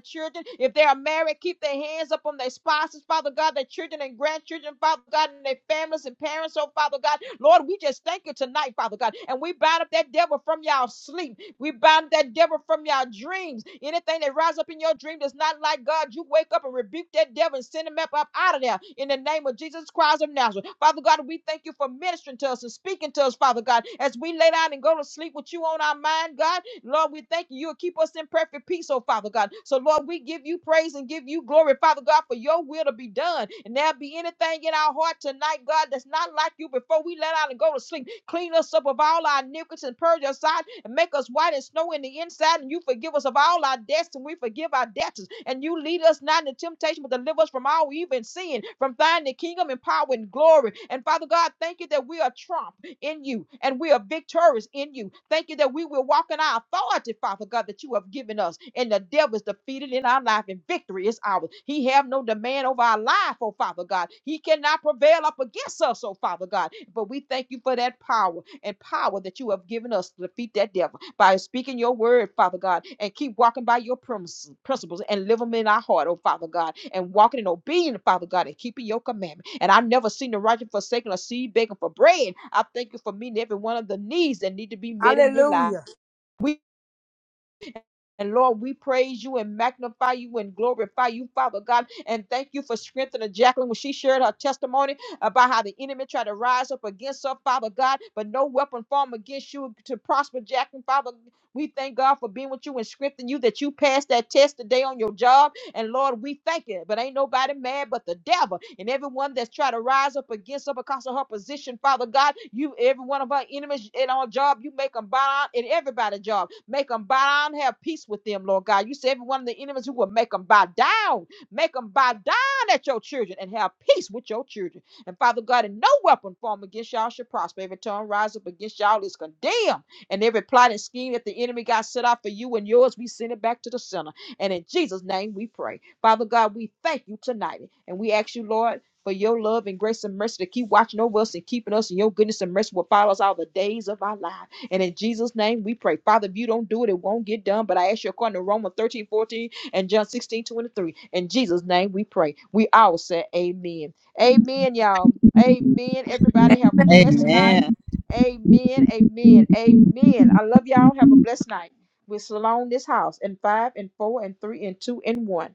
[SPEAKER 1] children. If they are married, keep their hands up on their spouses, Father God, their children and grandchildren, Father God, and their families and parents, oh Father God. Lord, we just thank you tonight, Father God. And we bind up that devil from y'all sleep. We bind that devil from y'all dreams. Anything that rises up in your dream that's not like God, you wake up and rebuke that devil and send him up, up out of there. In in the name of Jesus Christ of Nazareth. Father God, we thank you for ministering to us and speaking to us, Father God, as we lay down and go to sleep with you on our mind, God. Lord, we thank you. You'll keep us in perfect peace, oh Father God. So, Lord, we give you praise and give you glory, Father God, for your will to be done. And there be anything in our heart tonight, God, that's not like you before we lay down and go to sleep. Clean us up of all our iniquities and purge us out and make us white as snow in the inside. And you forgive us of all our debts and we forgive our debtors. And you lead us not into temptation, but deliver us from all evil and sin, from thine the kingdom and power and glory. And Father God, thank you that we are trump in you and we are victorious in you. Thank you that we will walk in our authority, Father God, that you have given us. And the devil is defeated in our life and victory is ours. He have no demand over our life, oh Father God. He cannot prevail up against us, oh Father God. But we thank you for that power and power that you have given us to defeat that devil by speaking your word, Father God, and keep walking by your premise- principles and live them in our heart, oh Father God, and walking in obedience, Father God, and keeping your commandment. And I've never seen the righteous forsaken or seed begging for bread. I thank you for meeting every one of the needs that need to be met in their life.
[SPEAKER 3] Hallelujah.
[SPEAKER 1] We. And Lord, we praise you and magnify you and glorify you, Father God. And thank you for strengthening Jacqueline when she shared her testimony about how the enemy tried to rise up against her, Father God. But no weapon formed against you to prosper, Jacqueline, Father. We thank God for being with you and strengthening you that you passed that test today on your job and Lord, we thank you. But ain't nobody mad but the devil and everyone that's trying to rise up against her because of her position, Father God. You, every one of our enemies in our job, you make them bow down in everybody's job. Make them bow down, have peace with them, Lord God. You say every one of the enemies, you will make them bow down, make them bow down at your children and have peace with your children. And Father God, and no weapon formed against y'all shall prosper. Every tongue rise up against y'all is condemned. And every plot and scheme that the enemy got set out for you and yours, we send it back to the center. And in Jesus' name we pray. Father God, we thank you tonight. And we ask you, Lord, for your love and grace and mercy to keep watching over us and keeping us in your goodness and mercy will follow us all the days of our life. And in Jesus' name we pray. Father, if you don't do it, it won't get done. But I ask you according to Romans 13 14 and John 16 23. In Jesus' name we pray. We all say amen. Amen, y'all. Amen. Everybody have a blessed night.
[SPEAKER 4] Amen.
[SPEAKER 1] Amen. Amen. Amen. I love y'all. Have a blessed night. We surround this house in five and four and three and two and one.